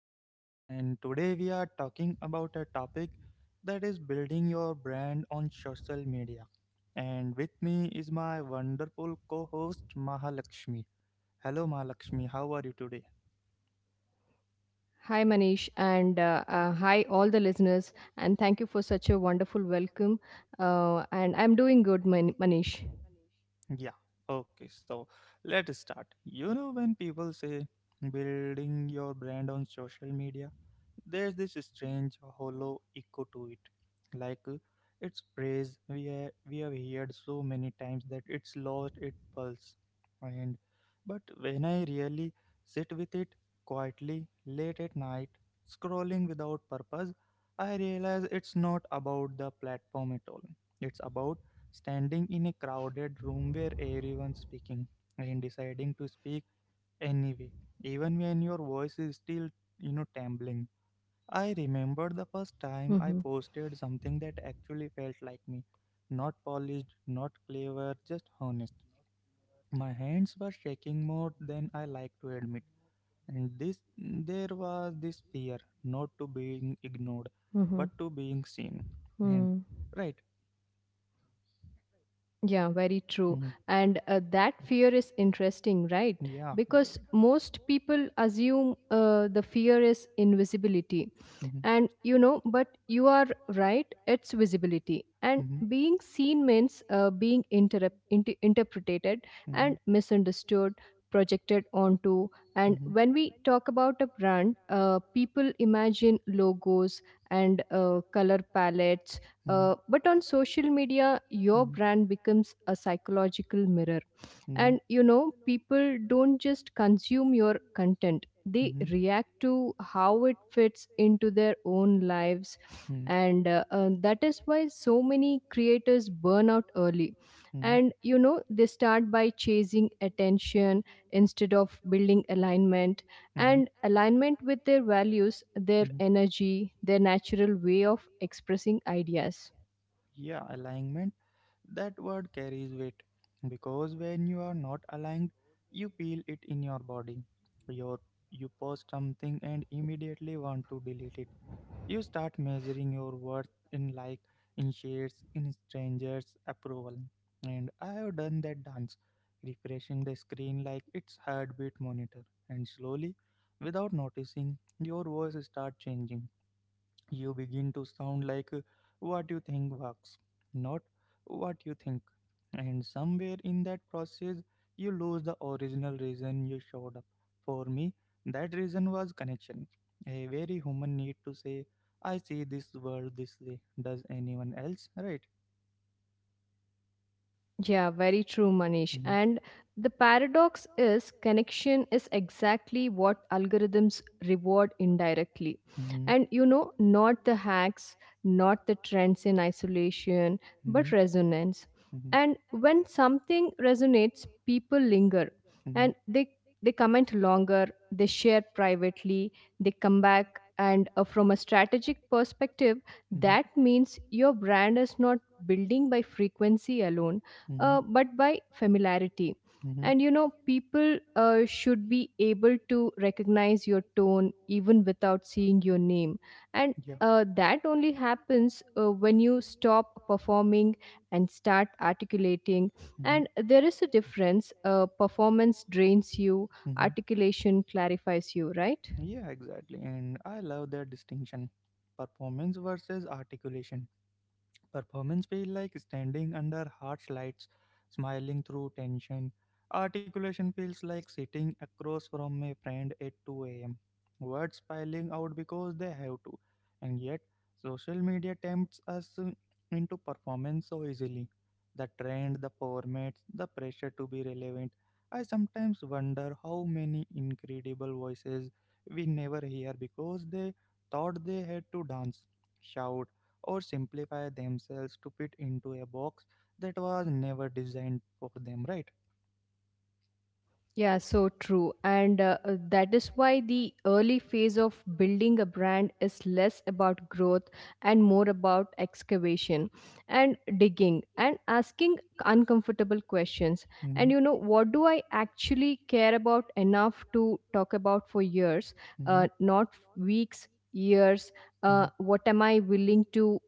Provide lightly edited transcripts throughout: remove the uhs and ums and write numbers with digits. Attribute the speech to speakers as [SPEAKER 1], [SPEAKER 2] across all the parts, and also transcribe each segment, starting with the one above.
[SPEAKER 1] Manish, and today we are talking about a topic that is building your brand on social media. And with me is my wonderful co host, Mahalakshmi. Hello, Mahalakshmi, how are you today?
[SPEAKER 2] Hi, Manish, and hi, all the listeners, and thank you for such a wonderful welcome. And I'm doing good, Manish.
[SPEAKER 1] Yeah, okay, so let's start. When people say building your brand on social media, there's this strange hollow echo to it. Like uh, it's praise we have heard so many times that it's lost its pulse. And but when I really sit with it quietly late at night, scrolling without purpose, I realize it's not about the platform at all. It's about standing in a crowded room where everyone's speaking and deciding to speak anyway, even when your voice is still trembling. I remember the first time I
[SPEAKER 2] Mm-hmm,
[SPEAKER 1] posted something that actually felt like me. Not polished, not clever, just honest. My hands were shaking more than I like to admit. And this there was this fear, not to being ignored but to
[SPEAKER 2] mm-hmm,
[SPEAKER 1] being seen. And
[SPEAKER 2] mm.
[SPEAKER 1] right.
[SPEAKER 2] Yeah, very true.
[SPEAKER 1] And
[SPEAKER 2] And that fear is interesting, right?
[SPEAKER 1] yeah, exactly.
[SPEAKER 2] Because most people assume the fear is invisibility,
[SPEAKER 1] mhm,
[SPEAKER 2] and you know but you are right, it's visibility and being seen means being interpreted and
[SPEAKER 1] mhm,
[SPEAKER 2] misunderstood, projected onto. And
[SPEAKER 1] mhm,
[SPEAKER 2] when we talk about a brand, people imagine logos and color palettes,
[SPEAKER 1] mhm,
[SPEAKER 2] but on social media your
[SPEAKER 1] mhm.
[SPEAKER 2] brand becomes a
[SPEAKER 1] who
[SPEAKER 2] psychological mirror.
[SPEAKER 1] mhm,
[SPEAKER 2] And you know, people don't just consume your content, they
[SPEAKER 1] mhm,
[SPEAKER 2] react to how it fits into their own lives. And that is why so many creators burn out early,
[SPEAKER 1] mhm,
[SPEAKER 2] and you know they start by chasing attention instead of building alignment,
[SPEAKER 1] hmm.
[SPEAKER 2] and alignment with their values, their energy, their natural way of expressing ideas.
[SPEAKER 1] Yeah, being. Alignment, that word carries weight. Because when you are not aligned, you feel it in your body. Your, you post something and immediately want to delete it. You start measuring your worth in in shares, in strangers' approval. And I have done that dance, refreshing the screen like its heartbeat monitor. And slowly, without noticing, your voice start changing. You begin to sound like what you think works, not what you think. And somewhere in that process, you lose the original reason you showed up. For me, that reason was connection. A very human need to say, I see this world this way. Does anyone else? Right?
[SPEAKER 2] Yeah, very true,
[SPEAKER 1] Hmm.
[SPEAKER 2] Manish. And the paradox is, connection is exactly what algorithms reward indirectly.
[SPEAKER 1] And hmm,
[SPEAKER 2] And you know, not the hacks, not the trends in isolation, but resonance.
[SPEAKER 1] hmm, hmm,
[SPEAKER 2] And when something resonates, people linger and they comment longer, they share privately, they come back. And from a strategic perspective,
[SPEAKER 1] hmm, hmm,
[SPEAKER 2] that
[SPEAKER 1] building.
[SPEAKER 2] means your brand is not building by frequency alone,
[SPEAKER 1] Hmm,
[SPEAKER 2] but by familiarity.
[SPEAKER 1] hmm.
[SPEAKER 2] And you know, people should be able to recognize your tone even without seeing your name. And
[SPEAKER 1] Yeah. And
[SPEAKER 2] that only happens when you stop performing and start articulating.
[SPEAKER 1] mhm,
[SPEAKER 2] And there is a difference. Performance drains you,
[SPEAKER 1] mhm.
[SPEAKER 2] articulation clarifies you, right?
[SPEAKER 1] Yeah, exactly. And I love that distinction, performance versus articulation. Performance feel like standing under harsh lights, smiling through tension. Articulation feels like sitting across from a friend at 2 a.m. Words piling out because they have to. And yet, social media tempts us into performance so easily. The trend, the formats, the pressure to be relevant. I sometimes wonder how many incredible voices we never hear because they thought they had to dance, shout, or simplify themselves to fit into a box that was never designed for them, right?
[SPEAKER 2] Yeah, so true. And that is why the early phase of building a brand is less about growth and more about excavation, and digging and asking uncomfortable questions.
[SPEAKER 1] Mm-hmm,
[SPEAKER 2] And you know, what do I actually care about enough to talk about for years,
[SPEAKER 1] mm-hmm,
[SPEAKER 2] not weeks, years? What am I willing to?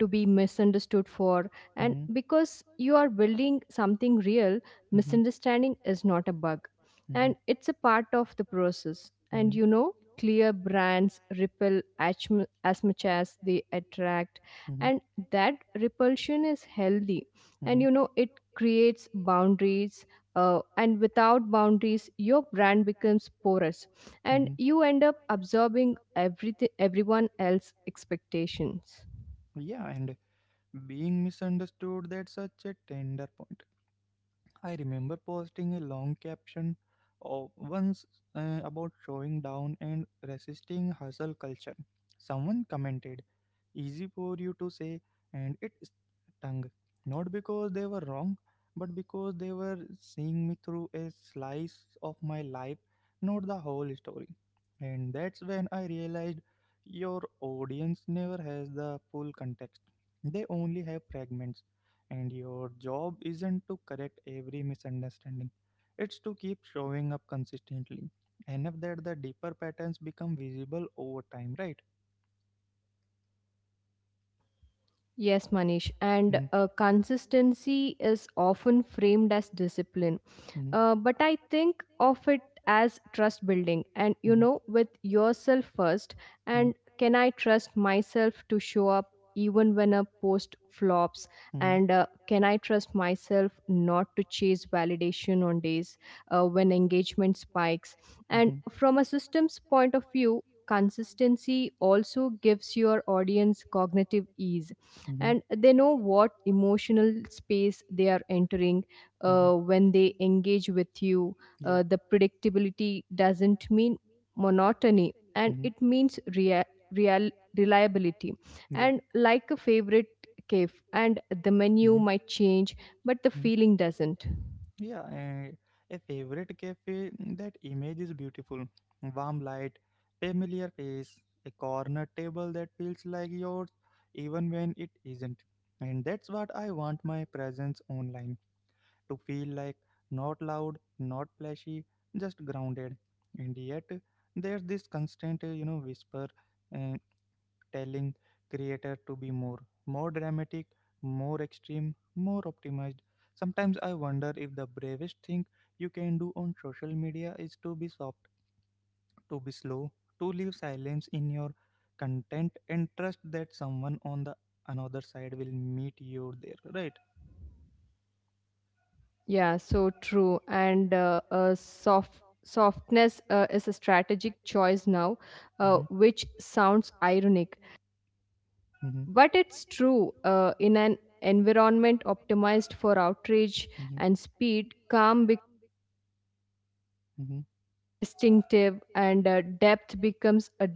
[SPEAKER 2] To be misunderstood for.
[SPEAKER 1] mm-hmm,
[SPEAKER 2] And
[SPEAKER 1] mm-hmm,
[SPEAKER 2] because you are building something real,
[SPEAKER 1] mm-hmm,
[SPEAKER 2] misunderstanding is not a bug,
[SPEAKER 1] mm-hmm,
[SPEAKER 2] and it's a part of the process. And
[SPEAKER 1] mm-hmm.
[SPEAKER 2] you know, clear brands repel as much as they attract,
[SPEAKER 1] Mm-hmm,
[SPEAKER 2] and that repulsion is healthy. And
[SPEAKER 1] mm-hmm,
[SPEAKER 2] you know, it creates boundaries, and without boundaries your brand becomes porous, and
[SPEAKER 1] mm-hmm.
[SPEAKER 2] you end up absorbing everything, everyone else's expectations.
[SPEAKER 1] Yeah, and being misunderstood, that's such a tender point. I remember posting a long caption of once about showing down and resisting hustle culture. Someone commented, "Easy for you to say," and it stung, not because they were wrong, but because they were seeing me through a slice of my life, not the whole story. And that's when I realized your audience never has the full context; they only have fragments, and your job isn't to correct every misunderstanding, it's to keep showing up consistently. Enough that the deeper patterns become visible over time, right?
[SPEAKER 2] Yes, Manish,
[SPEAKER 1] Hmm,
[SPEAKER 2] and consistency is often framed as discipline.
[SPEAKER 1] hmm,
[SPEAKER 2] But I think of it as trust building, and, you know,
[SPEAKER 1] hmm,
[SPEAKER 2] with yourself first. And can I trust myself to show up even when a post flops?
[SPEAKER 1] hmm,
[SPEAKER 2] And can I trust myself not to chase validation on days when engagement spikes?
[SPEAKER 1] hmm, hmm,
[SPEAKER 2] And from a systems point of view, consistency also gives your audience cognitive ease,
[SPEAKER 1] hmm,
[SPEAKER 2] and they know what emotional space they are entering
[SPEAKER 1] hmm.
[SPEAKER 2] when they engage with you.
[SPEAKER 1] Yeah.
[SPEAKER 2] The predictability doesn't mean monotony,
[SPEAKER 1] Hmm,
[SPEAKER 2] and
[SPEAKER 1] and
[SPEAKER 2] it means reliability.
[SPEAKER 1] yeah.
[SPEAKER 2] And like a favorite cave, and the
[SPEAKER 1] Hmm,
[SPEAKER 2] menu might change, but
[SPEAKER 1] hmm.
[SPEAKER 2] the feeling doesn't.
[SPEAKER 1] Yeah, and a favorite cafe, that image is beautiful. Warm light, familiar face, a corner table that feels like yours even when it isn't. And that's what I want my presence online to feel like, not loud, not flashy, just grounded. And yet, there's this constant, whisper, uh, telling creator to be more, more dramatic, more extreme, more optimized. Sometimes I wonder if the bravest thing you can do on social media is to be soft, to be slow, to leave silence in your content and trust that someone on the another side will meet you there, right?
[SPEAKER 2] Yeah, so true. And soft softness is a strategic choice now,
[SPEAKER 1] Mhm,
[SPEAKER 2] which sounds ironic.
[SPEAKER 1] mhm,
[SPEAKER 2] But it's true, in an environment optimized for outrage
[SPEAKER 1] mhm,
[SPEAKER 2] and speed, calm, distinctive, and depth becomes a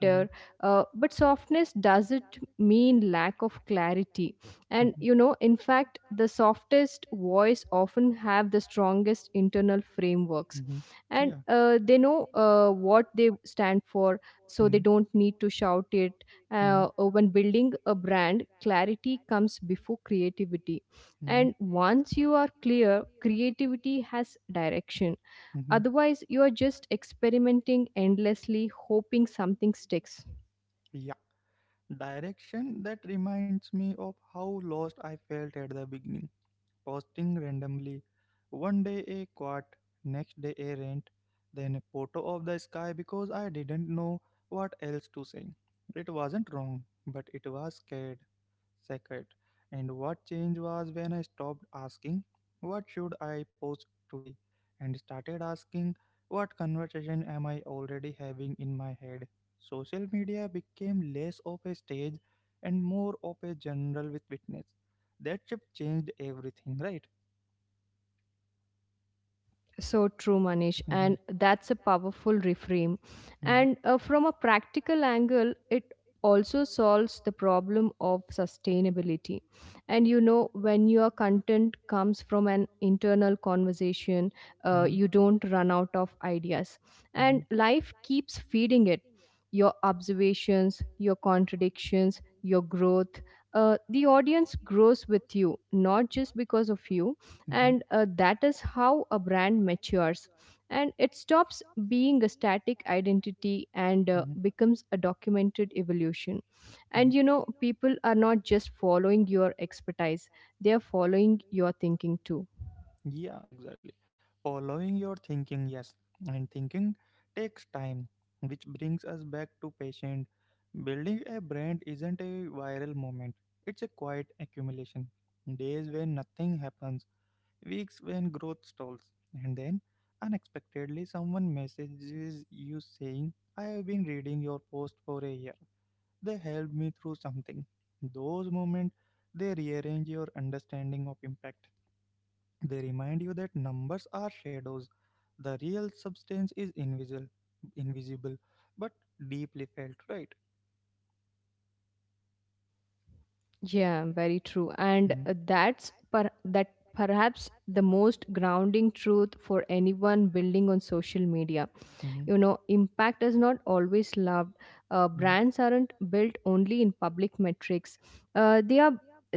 [SPEAKER 1] mhm, mhm,
[SPEAKER 2] But softness doesn't mean lack of clarity, and you
[SPEAKER 1] mhm,
[SPEAKER 2] know in fact the softest voice often have the strongest internal frameworks.
[SPEAKER 1] frameworks,
[SPEAKER 2] And
[SPEAKER 1] yeah.
[SPEAKER 2] they know what they stand for, so they don't need to shout it.
[SPEAKER 1] Mm-hmm.
[SPEAKER 2] When building a brand, clarity comes before creativity,
[SPEAKER 1] Mm-hmm.
[SPEAKER 2] and once you are clear, creativity has direction.
[SPEAKER 1] Mhm.
[SPEAKER 2] Otherwise, you are just experimenting endlessly, hoping something sticks.
[SPEAKER 1] Yeah, direction, that reminds me of how lost I felt at the beginning, posting randomly. One day a quote, next day a rant, then a photo of the sky because I didn't know what else to say. It wasn't wrong, but it was scared, sacred. And what changed was when I stopped asking, what should I post today? And started asking, what conversation am I already having in my head? Social media became less of a stage and more of a general with witness. That shift changed everything, right?
[SPEAKER 2] So true, Manish, and that's a powerful reframe. And
[SPEAKER 1] Mm-hmm.
[SPEAKER 2] from a practical angle, it also solves the problem of sustainability. And you know, when your content comes from an internal conversation, you don't run out of ideas, and
[SPEAKER 1] Mm-hmm.
[SPEAKER 2] life keeps feeding it. Your observations, your contradictions, your growth. The audience grows with you, not just because of you,
[SPEAKER 1] Mm-hmm.
[SPEAKER 2] and that is how a brand matures, and it stops being a static identity and
[SPEAKER 1] Mm-hmm.
[SPEAKER 2] becomes a documented evolution. And you know, people are not just following your expertise, they are following your thinking too.
[SPEAKER 1] Yeah, exactly. Following your thinking, yes. And thinking takes time, which brings us back to patient. Building a brand isn't a viral moment, it's a quiet accumulation. Days when nothing happens, weeks when growth stalls, and then unexpectedly someone messages you saying, I have been reading your post for a year. They helped me through something. Those moments, they rearrange your understanding of impact. They remind you that numbers are shadows. The real substance is invisible, invisible, but deeply felt, right?
[SPEAKER 2] Yeah, very true, and that perhaps the most grounding truth for anyone building on social media.
[SPEAKER 1] Hmm.
[SPEAKER 2] You know, impact is not always loved. Brands aren't built only in public metrics, uh, they are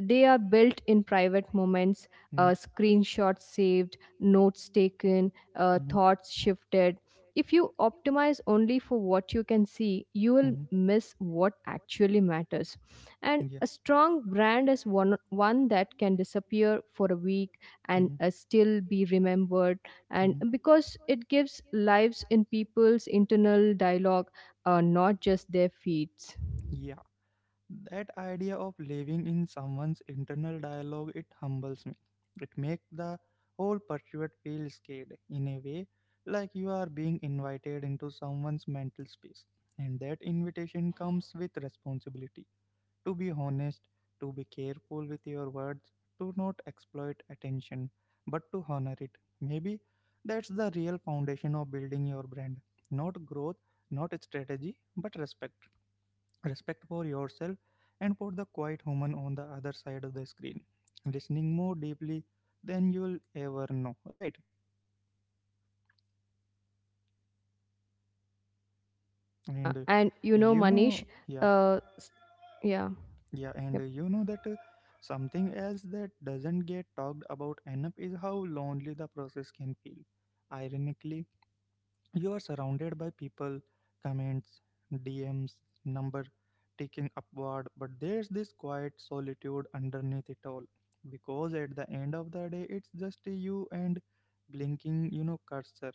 [SPEAKER 2] they are built in private moments,
[SPEAKER 1] Hmm.
[SPEAKER 2] screenshots saved, notes taken,
[SPEAKER 1] Hmm.
[SPEAKER 2] thoughts shifted. If you optimize only for what you can see, you will miss what actually matters. And
[SPEAKER 1] Yeah.
[SPEAKER 2] a strong brand is one that can disappear for a week and
[SPEAKER 1] Hmm,
[SPEAKER 2] still be remembered, and
[SPEAKER 1] hmm.
[SPEAKER 2] because it gives lives in people's internal dialogue, not just their feeds.
[SPEAKER 1] Yeah. That idea of living in someone's internal dialogue, it humbles me. It makes the whole pursuit feel scared in a way, like you are being invited into someone's mental space. And that invitation comes with responsibility. To be honest, to be careful with your words, to not exploit attention, but to honor it. Maybe that's the real foundation of building your brand. Not growth, not strategy, but respect, respect for yourself and for the quiet woman on the other side of the screen listening more deeply than you'll ever know, right?
[SPEAKER 2] Yeah,
[SPEAKER 1] and
[SPEAKER 2] and you know,
[SPEAKER 1] you
[SPEAKER 2] Manish,
[SPEAKER 1] know yeah.
[SPEAKER 2] uh, s- yeah,
[SPEAKER 1] yeah and
[SPEAKER 2] yep.
[SPEAKER 1] you know that Something else that doesn't get talked about enough is how lonely the process can feel, ironically. You are surrounded by people, comments, DMs, number ticking upward, but there's this quiet solitude underneath it all. Because at the end of the day, it's just you and blinking cursor,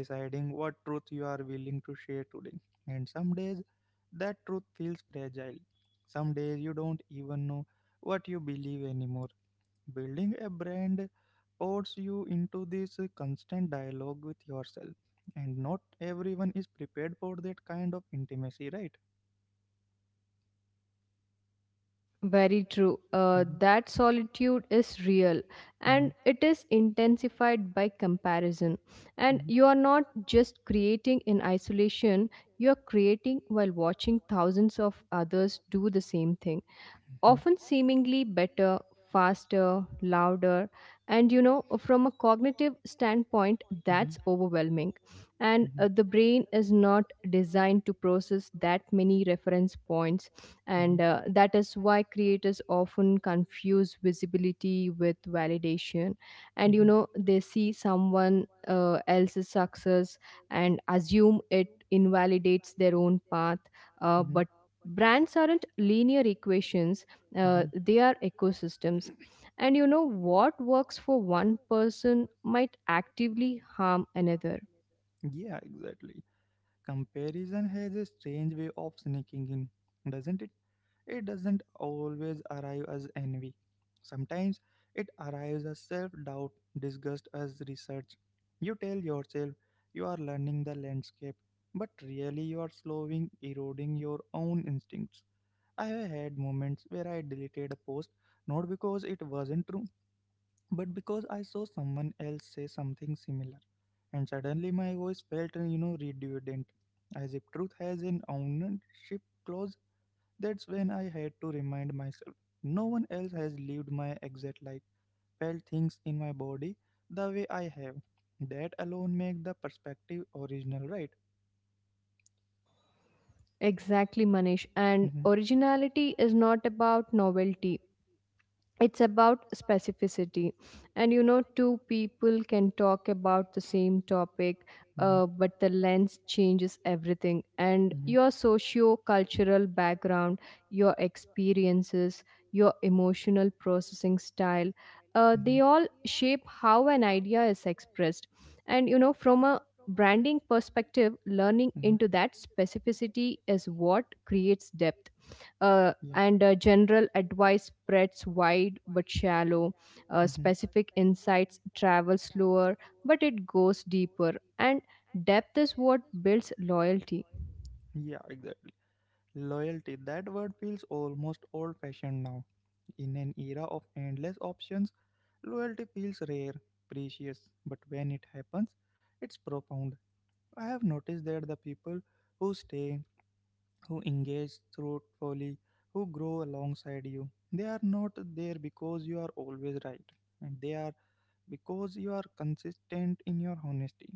[SPEAKER 1] deciding what truth you are willing to share today. And some days, that truth feels fragile. Some days you don't even know what you believe anymore. Building a brand force you into this constant dialogue with yourself, and not everyone is prepared for that kind of intimacy, right?
[SPEAKER 2] Very true,
[SPEAKER 1] Mm-hmm,
[SPEAKER 2] that solitude is real,
[SPEAKER 1] mm-hmm,
[SPEAKER 2] and it is intensified by comparison. And you are not just creating in isolation, you are creating while watching thousands of others do the same thing,
[SPEAKER 1] mm-hmm,
[SPEAKER 2] often seemingly better, faster, louder. And you know, from a cognitive standpoint,
[SPEAKER 1] mm-hmm,
[SPEAKER 2] that's overwhelming.
[SPEAKER 1] mm-hmm,
[SPEAKER 2] And the brain is not designed to process that many reference points, and
[SPEAKER 1] mm-hmm,
[SPEAKER 2] that is why creators often confuse visibility with validation. And you know,
[SPEAKER 1] mm-hmm.
[SPEAKER 2] they see someone else's success and assume it invalidates their own path, uh,
[SPEAKER 1] Mm-hmm.
[SPEAKER 2] but brands aren't linear equations,
[SPEAKER 1] Mhm.
[SPEAKER 2] they are ecosystems. And you know, what works for one person might actively harm another.
[SPEAKER 1] Yeah, exactly. Comparison has a strange way of sneaking in, doesn't it? It doesn't always arrive as envy. Sometimes it arrives as self doubt, disgust as research. You tell yourself you are learning the landscape, but really you are slowing, eroding your own instincts. I have had moments where I deleted a post not because it wasn't true, but because I saw someone else say something similar. And suddenly my voice felt, redundant, as if truth has an ownership clause. That's when I had to remind myself, no one else has lived my exact life, felt things in my body the way I have. That alone makes the perspective original, right?
[SPEAKER 2] Exactly, Manish, and originality is not about novelty, it's about specificity. And you know, two people can talk about the same topic,
[SPEAKER 1] Mhm.
[SPEAKER 2] but the lens changes everything. And your socio-cultural background, your experiences, your emotional processing style, they
[SPEAKER 1] Mhm.
[SPEAKER 2] all shape how an idea is expressed. And you know, from a branding perspective, learning into that specificity is what creates depth.
[SPEAKER 1] Yeah.
[SPEAKER 2] And General advice spreads wide but shallow. Uh,
[SPEAKER 1] Hmm.
[SPEAKER 2] specific insights travel slower, but it goes deeper. And depth is what builds loyalty.
[SPEAKER 1] Yeah, exactly. Loyalty, that word feels almost old fashioned now. In an era of endless options, loyalty feels rare, precious, but when it happens, it's profound. I have noticed that the people who stay, who engage thoughtfully, who grow alongside you, they are not there because you are always right. And they are because you are consistent in your honesty.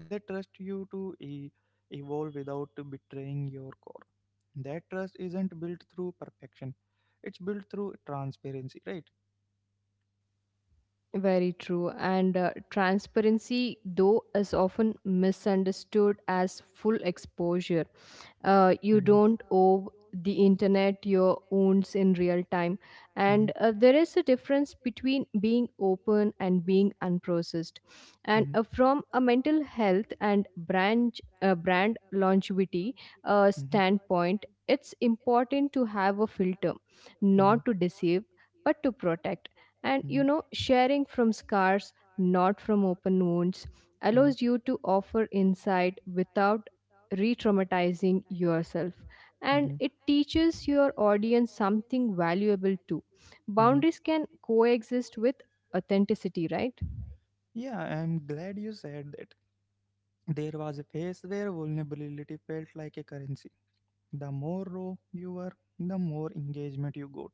[SPEAKER 1] They trust you to evolve without betraying your core. That trust isn't built through perfection, it's built through transparency, right?
[SPEAKER 2] Very true. And transparency, though, is often misunderstood as full exposure.
[SPEAKER 1] Mm-hmm,
[SPEAKER 2] You don't owe the internet your wounds in real time.
[SPEAKER 1] mm-hmm,
[SPEAKER 2] And there is a difference between being open and being unprocessed. And
[SPEAKER 1] mm-hmm,
[SPEAKER 2] from a mental health and brand longevity standpoint, it's important to have a filter,
[SPEAKER 1] mm-hmm, mm-hmm,
[SPEAKER 2] not to deceive, but to protect. And you
[SPEAKER 1] mm-hmm.
[SPEAKER 2] know, sharing from scars, not from open wounds,
[SPEAKER 1] Wounds,
[SPEAKER 2] allows you to offer insight without re traumatizing yourself. And
[SPEAKER 1] mm-hmm, mm-hmm,
[SPEAKER 2] it teaches your audience something valuable too.
[SPEAKER 1] mm-hmm.
[SPEAKER 2] Boundaries can coexist with authenticity, right?
[SPEAKER 1] Yeah, I'm glad you said that. There was a phase where vulnerability felt like a currency. The more raw you were, the more engagement you got.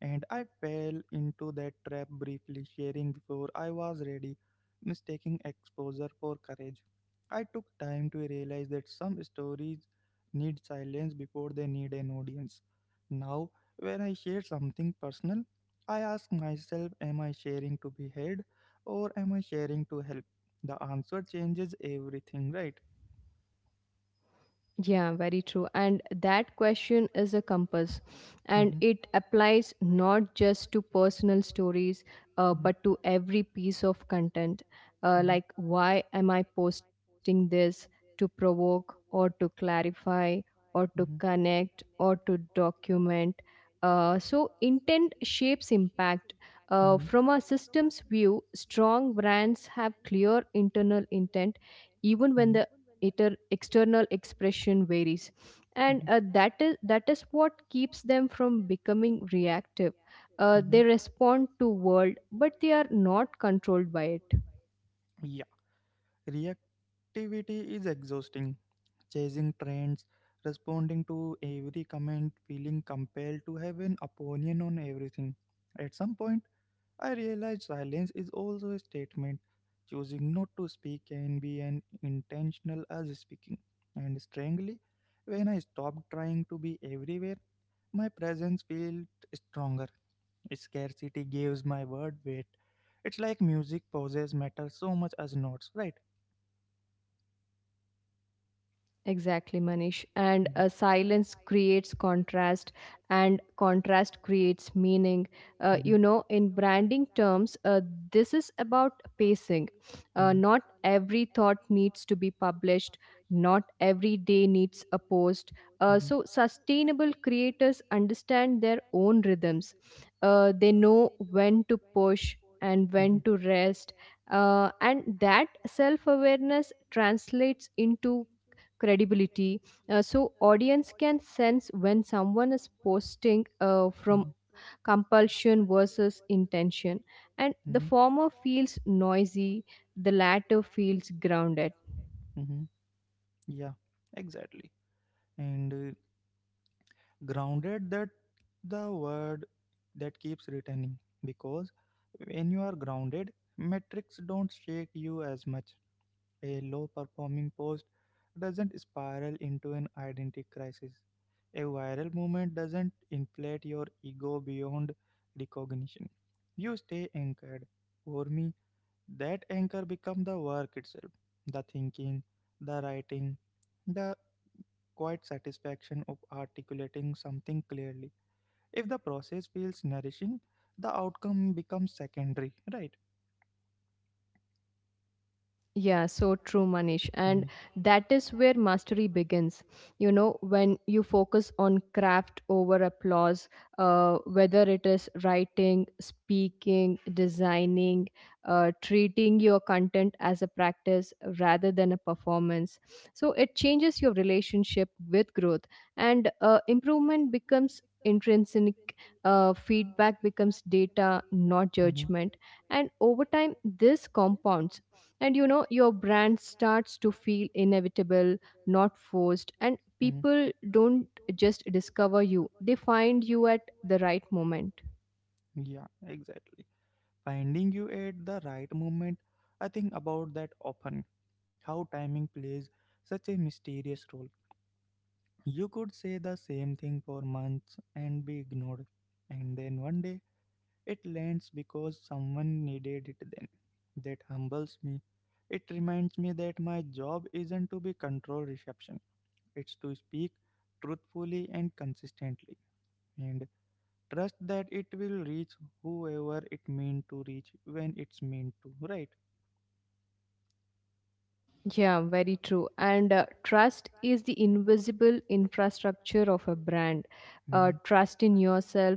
[SPEAKER 1] And I fell into that trap briefly, sharing before I was ready, mistaking exposure for courage. I took time to realize that some stories need silence before they need an audience. Now, when I share something personal, I ask myself, am I sharing to be heard or am I sharing to help? The answer changes everything, right?
[SPEAKER 2] Yeah, very true. And that question is a compass, and
[SPEAKER 1] Hmm.
[SPEAKER 2] it applies not just to personal stories,
[SPEAKER 1] Hmm.
[SPEAKER 2] but to every piece of content.
[SPEAKER 1] Hmm.
[SPEAKER 2] Why am I posting this? To provoke, or to clarify, or to connect, or to document? Intent shapes impact. Uh,
[SPEAKER 1] Hmm.
[SPEAKER 2] from a systems view, strong brands have clear internal intent, even
[SPEAKER 1] Hmm. Hmm.
[SPEAKER 2] when the external expression varies.
[SPEAKER 1] Mhm,
[SPEAKER 2] And that is what keeps them from becoming reactive. They
[SPEAKER 1] mhm.
[SPEAKER 2] respond to world but they are not controlled by it.
[SPEAKER 1] Yeah, reactivity is exhausting. Chasing trends, responding to every comment, feeling compelled to have an opinion on everything. At some point, I realized silence is also a statement. Choosing not to speak can be an intentional as speaking. And strangely, when I stopped trying to be everywhere, my presence felt stronger. Scarcity gives my word weight. It's like music pauses matter so much as notes, right?
[SPEAKER 2] Exactly, Manish. And
[SPEAKER 1] Mhm,
[SPEAKER 2] silence creates contrast, and contrast creates meaning. Uh,
[SPEAKER 1] mhm,
[SPEAKER 2] you know, in branding terms, this is about pacing. Uh,
[SPEAKER 1] mhm,
[SPEAKER 2] not every thought needs to be published, not every day needs a post.
[SPEAKER 1] mhm,
[SPEAKER 2] Sustainable creators understand their own rhythms. They know when to push and when to
[SPEAKER 1] mhm.
[SPEAKER 2] rest. And that self awareness translates into credibility, so audience can sense when someone is posting from
[SPEAKER 1] Mhm,
[SPEAKER 2] compulsion versus intention, and the
[SPEAKER 1] mhm,
[SPEAKER 2] former feels noisy, the latter feels grounded.
[SPEAKER 1] and mhm. Yeah, exactly. And grounded, that the word that keeps returning, because when you are grounded, metrics don't shake you as much. A low performing post doesn't spiral into an identity crisis. A viral movement doesn't inflate your ego beyond recognition. You stay anchored. For me, that anchor becomes the work itself, the thinking, the writing, the quiet satisfaction of articulating something clearly. If the process feels nourishing, the outcome becomes secondary, right?
[SPEAKER 2] Yeah, so true, Manish.
[SPEAKER 1] Hmm.
[SPEAKER 2] And that is where mastery begins. You know, when you focus on craft over applause, whether it is writing, speaking, designing, treating your content as a practice rather than a performance. So it changes your relationship with growth, and improvement becomes intrinsic, feedback becomes data not
[SPEAKER 1] Hmm.
[SPEAKER 2] judgment. And over time this compounds, and you know, your brand starts to feel inevitable, not forced, and people don't just discover you, they find you at the right moment.
[SPEAKER 1] Hmm. Yeah, exactly. Finding you at the right moment, I think about that often. How timing plays such a mysterious role. You could say the same thing for months and be ignored, and then one day it lands because someone needed it then. That humbles me. It reminds me that my job isn't to be control reception, it's to speak truthfully and consistently. And trust that it will reach whoever it meant to reach when it's meant to, right?
[SPEAKER 2] Yeah, very true. And trust is the invisible infrastructure of a brand. Uh,
[SPEAKER 1] Mm-hmm.
[SPEAKER 2] trust in yourself,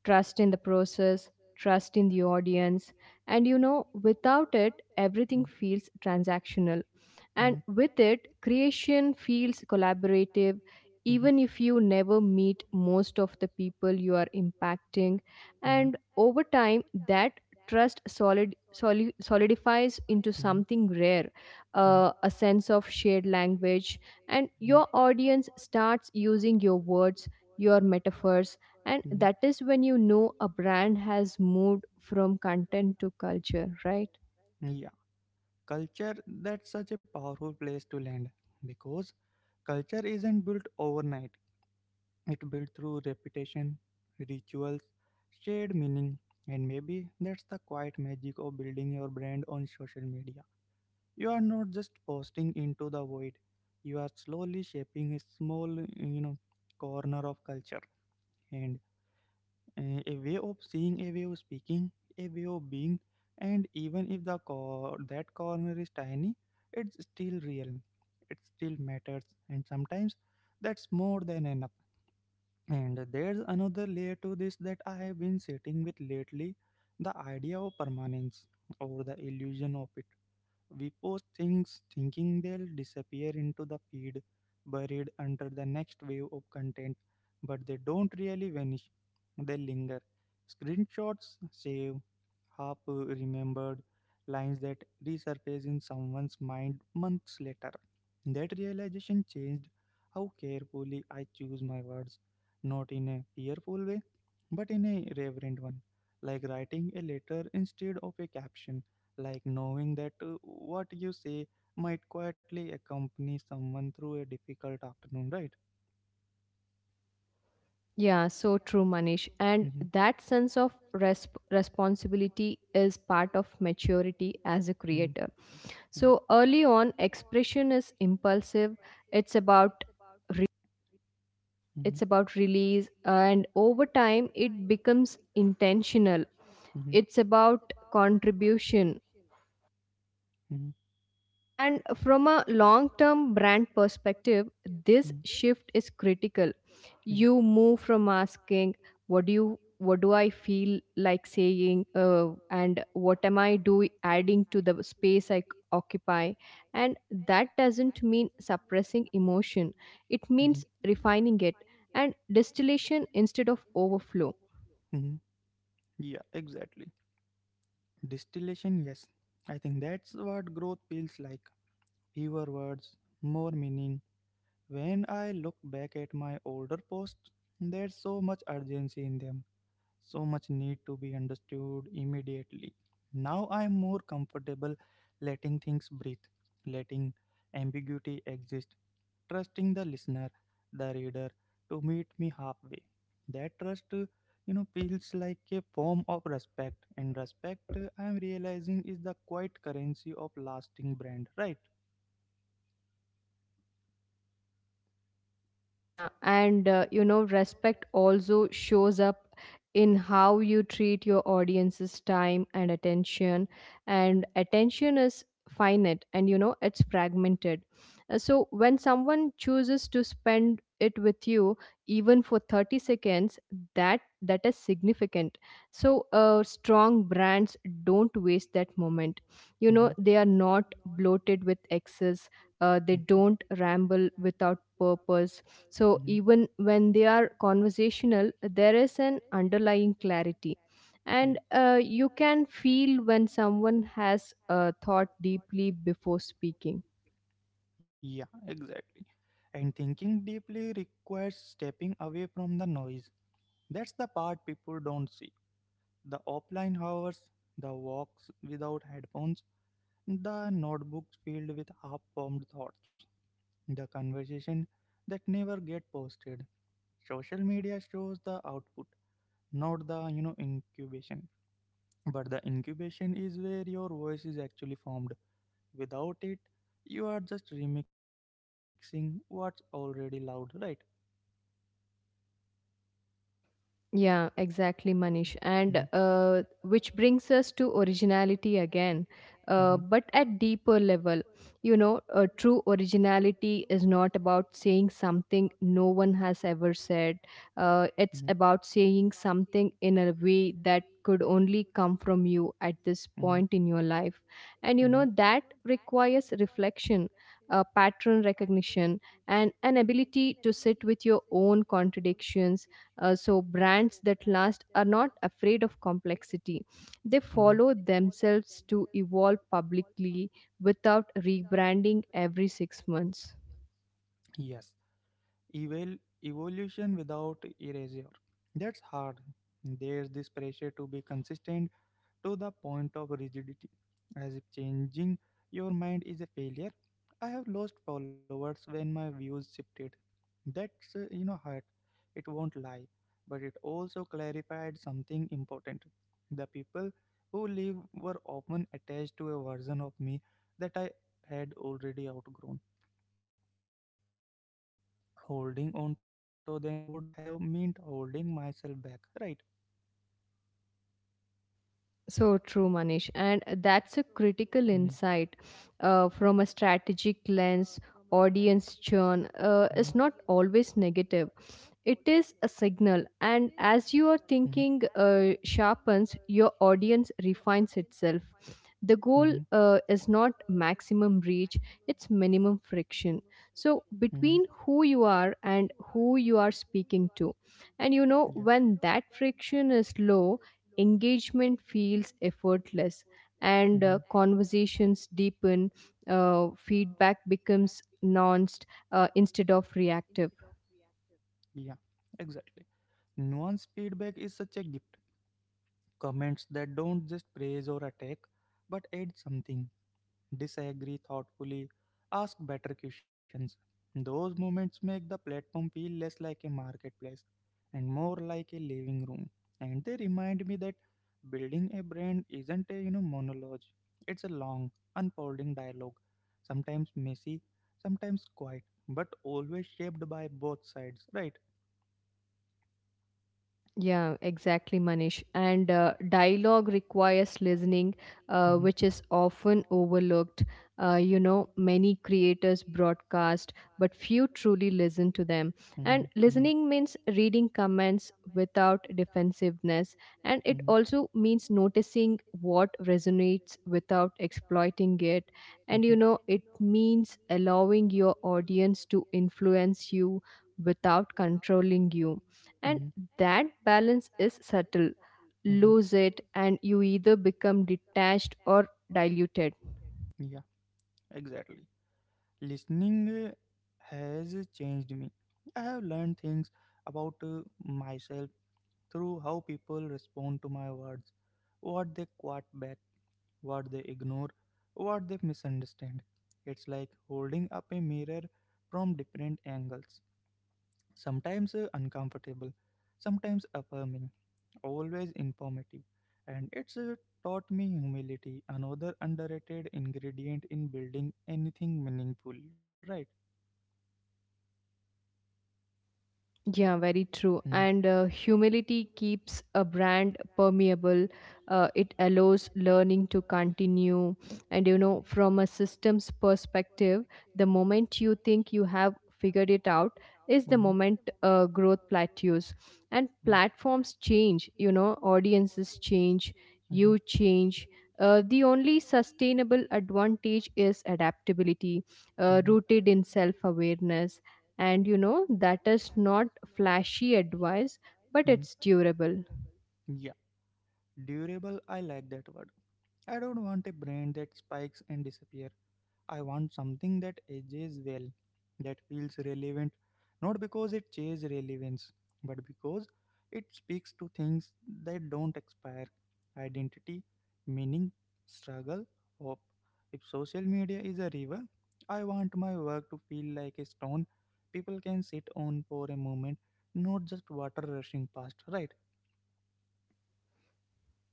[SPEAKER 2] trust in the process, trust in the audience. And you know, without it, everything feels transactional. And
[SPEAKER 1] Mm-hmm.
[SPEAKER 2] with it, creation feels collaborative, even if you never meet most of the people you are impacting.
[SPEAKER 1] Mm-hmm.
[SPEAKER 2] And over time, that solidifies into
[SPEAKER 1] Mm-hmm.
[SPEAKER 2] something rare, a
[SPEAKER 1] Mm-hmm.
[SPEAKER 2] sense of shared language. And your audience starts using your words, your metaphors. And
[SPEAKER 1] Mm-hmm.
[SPEAKER 2] that is when you know a brand has moved from content to culture, right?
[SPEAKER 1] Yeah. Culture, that's such a powerful place to land because culture isn't built overnight. It built through repetition, rituals, shared meaning, and maybe that's the quiet magic of building your brand on social media. You are not just posting into the void. You are slowly shaping a small corner of culture, and a way of seeing, a way of speaking, a way of being. And even if that corner is tiny, it's still real. It still matters, and sometimes that's more than enough. And there's another layer to this that I have been sitting with lately, the idea of permanence or the illusion of it. We post things thinking they'll disappear into the feed, buried under the next wave of content, but they don't really vanish, they linger. Screenshots save, half remembered lines that resurface in someone's mind months later. That realization changed how carefully I choose my words, not in a fearful way, but in a reverent one, like writing a letter instead of a caption, like knowing that what you say might quietly accompany someone through a difficult afternoon, right?
[SPEAKER 2] Yeah, so true,
[SPEAKER 1] Yeah.
[SPEAKER 2] Manish. And
[SPEAKER 1] Hmm.
[SPEAKER 2] that
[SPEAKER 1] That.
[SPEAKER 2] sense of responsibility is part of maturity as a
[SPEAKER 1] Hmm. Mhm.
[SPEAKER 2] creator.
[SPEAKER 1] Creator. Yeah.
[SPEAKER 2] So early on, expression is impulsive. It's about
[SPEAKER 1] Hmm.
[SPEAKER 2] it's about release, and over time, it becomes intentional.
[SPEAKER 1] Hmm.
[SPEAKER 2] It's about contribution.
[SPEAKER 1] Hmm.
[SPEAKER 2] And from a long term brand perspective, this
[SPEAKER 1] Hmm.
[SPEAKER 2] shift is critical.
[SPEAKER 1] Yeah.
[SPEAKER 2] You move from asking what do I feel like saying, and what am I doing adding to the space I occupy. And that doesn't mean suppressing emotion, it
[SPEAKER 1] Hmm.
[SPEAKER 2] means refining it, and distillation instead of overflow.
[SPEAKER 1] Hmm. Yeah, exactly. Distillation, yes. I think that's what growth feels like. Fewer words, more meaning. When I look back at my older posts, there's so much urgency in them, so much need to be understood immediately. Now I'm more comfortable letting things breathe, letting ambiguity exist, trusting the listener, the reader to meet me halfway. That trust feels like a form of respect, and respect I'm realizing is the quiet currency of lasting brand, right?
[SPEAKER 2] Yeah, and you know, respect also shows up in how you treat your audience's time and attention. And attention is finite, and you know, it's fragmented. So when someone chooses to spend it with you, even for 30 seconds, that is significant. So strong brands don't waste that moment. You know,
[SPEAKER 1] Hmm.
[SPEAKER 2] they are not bloated with excess. They don't ramble without purpose. So
[SPEAKER 1] Mhm.
[SPEAKER 2] even when they are conversational, there is an underlying clarity.
[SPEAKER 1] Yeah,
[SPEAKER 2] And you can feel when someone has thought deeply before speaking.
[SPEAKER 1] yeah, exactly. And thinking deeply requires stepping away from the noise. That's the part people don't see. The offline hours, the walks without headphones, the notebooks filled with half formed thoughts, the conversation that never get posted. Social media shows the output, not the incubation. But the incubation is where your voice is actually formed. Without it, you are just remixing what's already loud, right?
[SPEAKER 2] Yeah, exactly, Manish.
[SPEAKER 1] Hmm.
[SPEAKER 2] And which brings us to originality again,
[SPEAKER 1] Hmm.
[SPEAKER 2] but at deeper level. You know, true originality is not about saying something no one has ever said.
[SPEAKER 1] Hmm.
[SPEAKER 2] It's about saying something in a way that could only come from you at this
[SPEAKER 1] Hmm.
[SPEAKER 2] point in your life. And you know,
[SPEAKER 1] Life.
[SPEAKER 2] that requires reflection, pattern recognition, and an ability to sit with your own contradictions. So, brands that last are not afraid of complexity. They
[SPEAKER 1] Hmm. Hmm.
[SPEAKER 2] follow themselves to evolve publicly without rebranding every 6 months.
[SPEAKER 1] Yes. Evolution without erasure. That's hard. There's this pressure to be consistent to the point of rigidity, as if changing your mind is a failure. I have lost followers when my views shifted. That's hurt. It won't lie, but it also clarified something important. The people who leave were often attached to a version of me that I had already outgrown. Holding on to them would have meant holding myself back, right?
[SPEAKER 2] So true, Manish. And
[SPEAKER 1] Hmm.
[SPEAKER 2] that's a critical insight from a strategic lens. Audience churn is not always negative, it is a signal. And as your thinking sharpens, your audience refines itself. The
[SPEAKER 1] Mhm.
[SPEAKER 2] goal is not maximum reach, it's minimum friction. So,
[SPEAKER 1] Mhm.
[SPEAKER 2] between who you are and who you are speaking to. And you know,
[SPEAKER 1] Yeah.
[SPEAKER 2] when that friction is low, engagement feels effortless, and
[SPEAKER 1] Mm-hmm.
[SPEAKER 2] conversations deepen, feedback becomes nuanced, instead of reactive.
[SPEAKER 1] Yeah. Exactly. Nuanced feedback is such a gift. Comments that don't just praise or attack, but add something, disagree thoughtfully, ask better questions. Those moments make the platform feel less like a marketplace and more like a living room. And they remind me that building a brand isn't a monologue. It's a long, unfolding dialogue, sometimes messy, sometimes quiet, but always shaped by both sides, right?
[SPEAKER 2] Yeah, exactly, Manish. And dialogue requires listening,
[SPEAKER 1] Mm-hmm,
[SPEAKER 2] which is often overlooked. You know, many creators broadcast, but few truly listen to them. And
[SPEAKER 1] mm-hmm, mm-hmm,
[SPEAKER 2] listening means reading comments without defensiveness. And it
[SPEAKER 1] mm-hmm,
[SPEAKER 2] also means noticing what resonates without exploiting it. And,
[SPEAKER 1] mm-hmm.
[SPEAKER 2] you know, it means allowing your audience to influence you without controlling you, and
[SPEAKER 1] You.
[SPEAKER 2] that balance is subtle.
[SPEAKER 1] Mm-hmm.
[SPEAKER 2] Lose it, and you either become detached or diluted.
[SPEAKER 1] Yeah, exactly. Listening has changed me. I have learned things about myself through how people respond to my words, what they quote back, what they ignore, what they misunderstand. It's like holding up a mirror from different angles, sometimes uncomfortable, sometimes affirming, always informative, and it's taught me humility, another underrated ingredient in building anything meaningful, right?
[SPEAKER 2] Yeah, very true.
[SPEAKER 1] Mm.
[SPEAKER 2] And humility keeps a brand permeable. It allows learning to continue. And you know, from a systems perspective, the moment you think you have figured it out is the
[SPEAKER 1] Hmm.
[SPEAKER 2] moment growth plateaus. And
[SPEAKER 1] Yeah.
[SPEAKER 2] platforms change, you know, audiences change,
[SPEAKER 1] Mm-hmm,
[SPEAKER 2] you change. The only sustainable advantage is adaptability,
[SPEAKER 1] mm-hmm,
[SPEAKER 2] rooted in self awareness. And you know, that is not flashy advice, but it's
[SPEAKER 1] mm-hmm.
[SPEAKER 2] durable.
[SPEAKER 1] Yeah, durable. I like that word. I don't want a brand that spikes and disappears. I want something that ages well, that feels relevant, not because it chases relevance, but because it speaks to things that don't expire: identity, meaning, struggle, hope. If social media is a river, I want my work to feel like a stone people can sit on for a moment, not just water rushing past, right?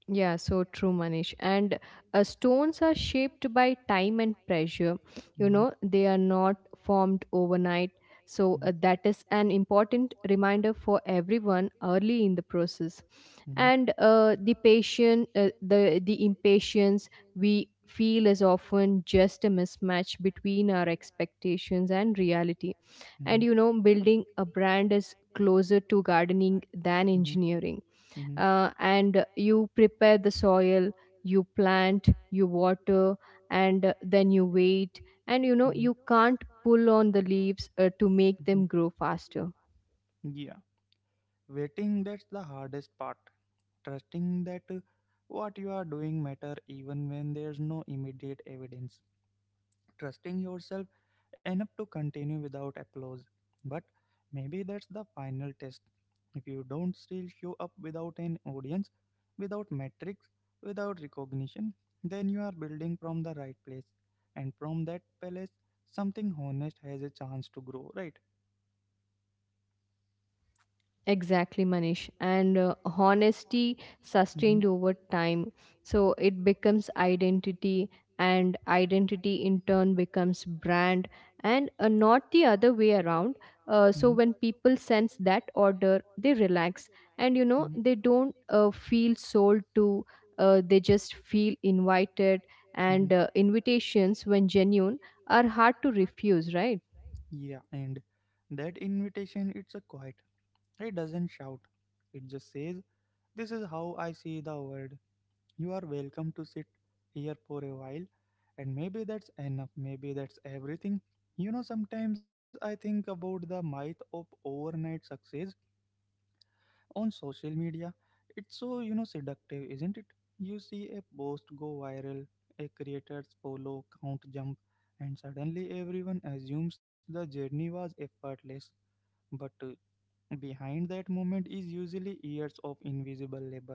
[SPEAKER 2] Yeah, so true, Manish. And stones are shaped by time and pressure. You know, they are not formed overnight. So that
[SPEAKER 1] Mm-hmm.
[SPEAKER 2] is an important reminder for everyone early in the process. And the patient the impatience we feel is often just a mismatch between our expectations and reality. And
[SPEAKER 1] Mm-hmm.
[SPEAKER 2] you know, building a brand is closer to gardening than
[SPEAKER 1] Hmm.
[SPEAKER 2] engineering.
[SPEAKER 1] Hmm.
[SPEAKER 2] And you prepare the soil, you plant, you water, and then you wait. And you know,
[SPEAKER 1] And.
[SPEAKER 2] you can't
[SPEAKER 1] Hmm.
[SPEAKER 2] pull on the leaves to make
[SPEAKER 1] Mm-hmm.
[SPEAKER 2] them grow faster.
[SPEAKER 1] Yeah, waiting, that's the hardest part. Trusting that what you are doing matter even when there's no immediate evidence, trusting yourself enough to continue without applause. But maybe that's the final test. If you don't still show up without an audience, without metrics, without recognition, then you are building from the right place. And from that place, something honest has a chance to grow, right?
[SPEAKER 2] Exactly, Manish. And honesty
[SPEAKER 1] Mm-hmm,
[SPEAKER 2] sustained over time. So it becomes identity, and identity in turn becomes brand, and not the other way around. So when
[SPEAKER 1] mm-hmm,
[SPEAKER 2] people sense that order, they relax, and you know,
[SPEAKER 1] and
[SPEAKER 2] they don't
[SPEAKER 1] you
[SPEAKER 2] feel sold to, they just feel invited.
[SPEAKER 1] to.
[SPEAKER 2] And
[SPEAKER 1] Hmm.
[SPEAKER 2] invitations, when genuine, are hard to refuse, right?
[SPEAKER 1] Yeah, and that invitation, it's a quiet. It doesn't shout. It just says, this is how I see the world. You are welcome to sit here for a while, and maybe that's enough, maybe that's everything. You know, sometimes I think about the myth of overnight success on social media. It's so seductive, isn't it? You see a post go viral, a creator's follow count jump, and suddenly everyone assumes the journey was effortless. But behind that movement is usually years of invisible labor,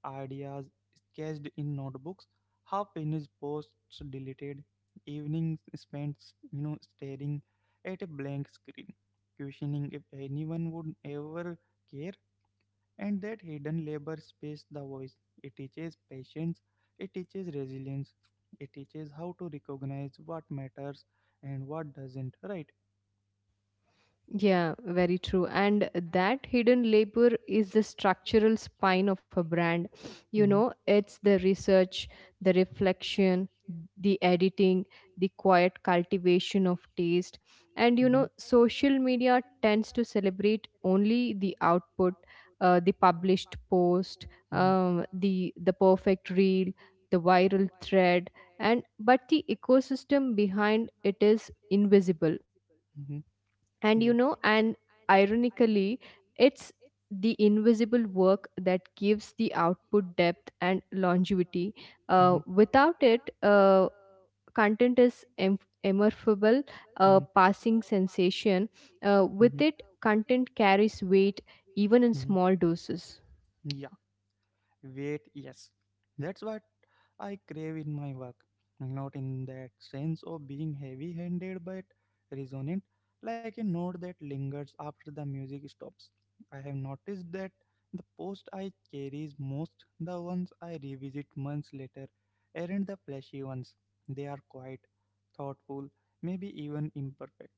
[SPEAKER 1] ideas sketched in notebooks, half finished posts deleted, evenings spent staring at a blank screen, questioning if anyone would ever care, and that hidden labor space the voice. It teaches patience, it teaches resilience, it teaches how to recognize what matters and what doesn't, right?
[SPEAKER 2] Yeah, very true. And that hidden labor is the structural spine of a brand. You
[SPEAKER 1] Mm-hmm,
[SPEAKER 2] know, it's the research, the reflection, the editing, the quiet cultivation of taste. And you
[SPEAKER 1] mm-hmm,
[SPEAKER 2] know, social media tends to celebrate only the output, the published post,
[SPEAKER 1] mm-hmm,
[SPEAKER 2] the perfect reel, the viral thread, and but the ecosystem behind it is invisible.
[SPEAKER 1] mm-hmm,
[SPEAKER 2] And you know,
[SPEAKER 1] yeah,
[SPEAKER 2] and ironically, it's the invisible work that gives the output depth and longevity.
[SPEAKER 1] mm-hmm,
[SPEAKER 2] Without it, content is immersible, a
[SPEAKER 1] mm-hmm,
[SPEAKER 2] passing sensation.
[SPEAKER 1] mm-hmm,
[SPEAKER 2] With it, content carries weight, even in
[SPEAKER 1] mm-hmm,
[SPEAKER 2] small doses.
[SPEAKER 1] yeah. Wait, yes. That's what I crave in my work. Not in that sense of being heavy handed but resonant, like a note that lingers after the music stops. I have noticed that the post I cherish most, the ones I revisit months later, aren't the flashy ones. They are quiet, thoughtful, maybe even imperfect.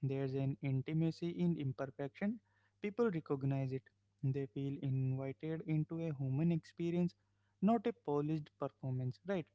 [SPEAKER 1] There's an intimacy in imperfection. People recognize it, they feel invited into a human experience, not a polished performance, right?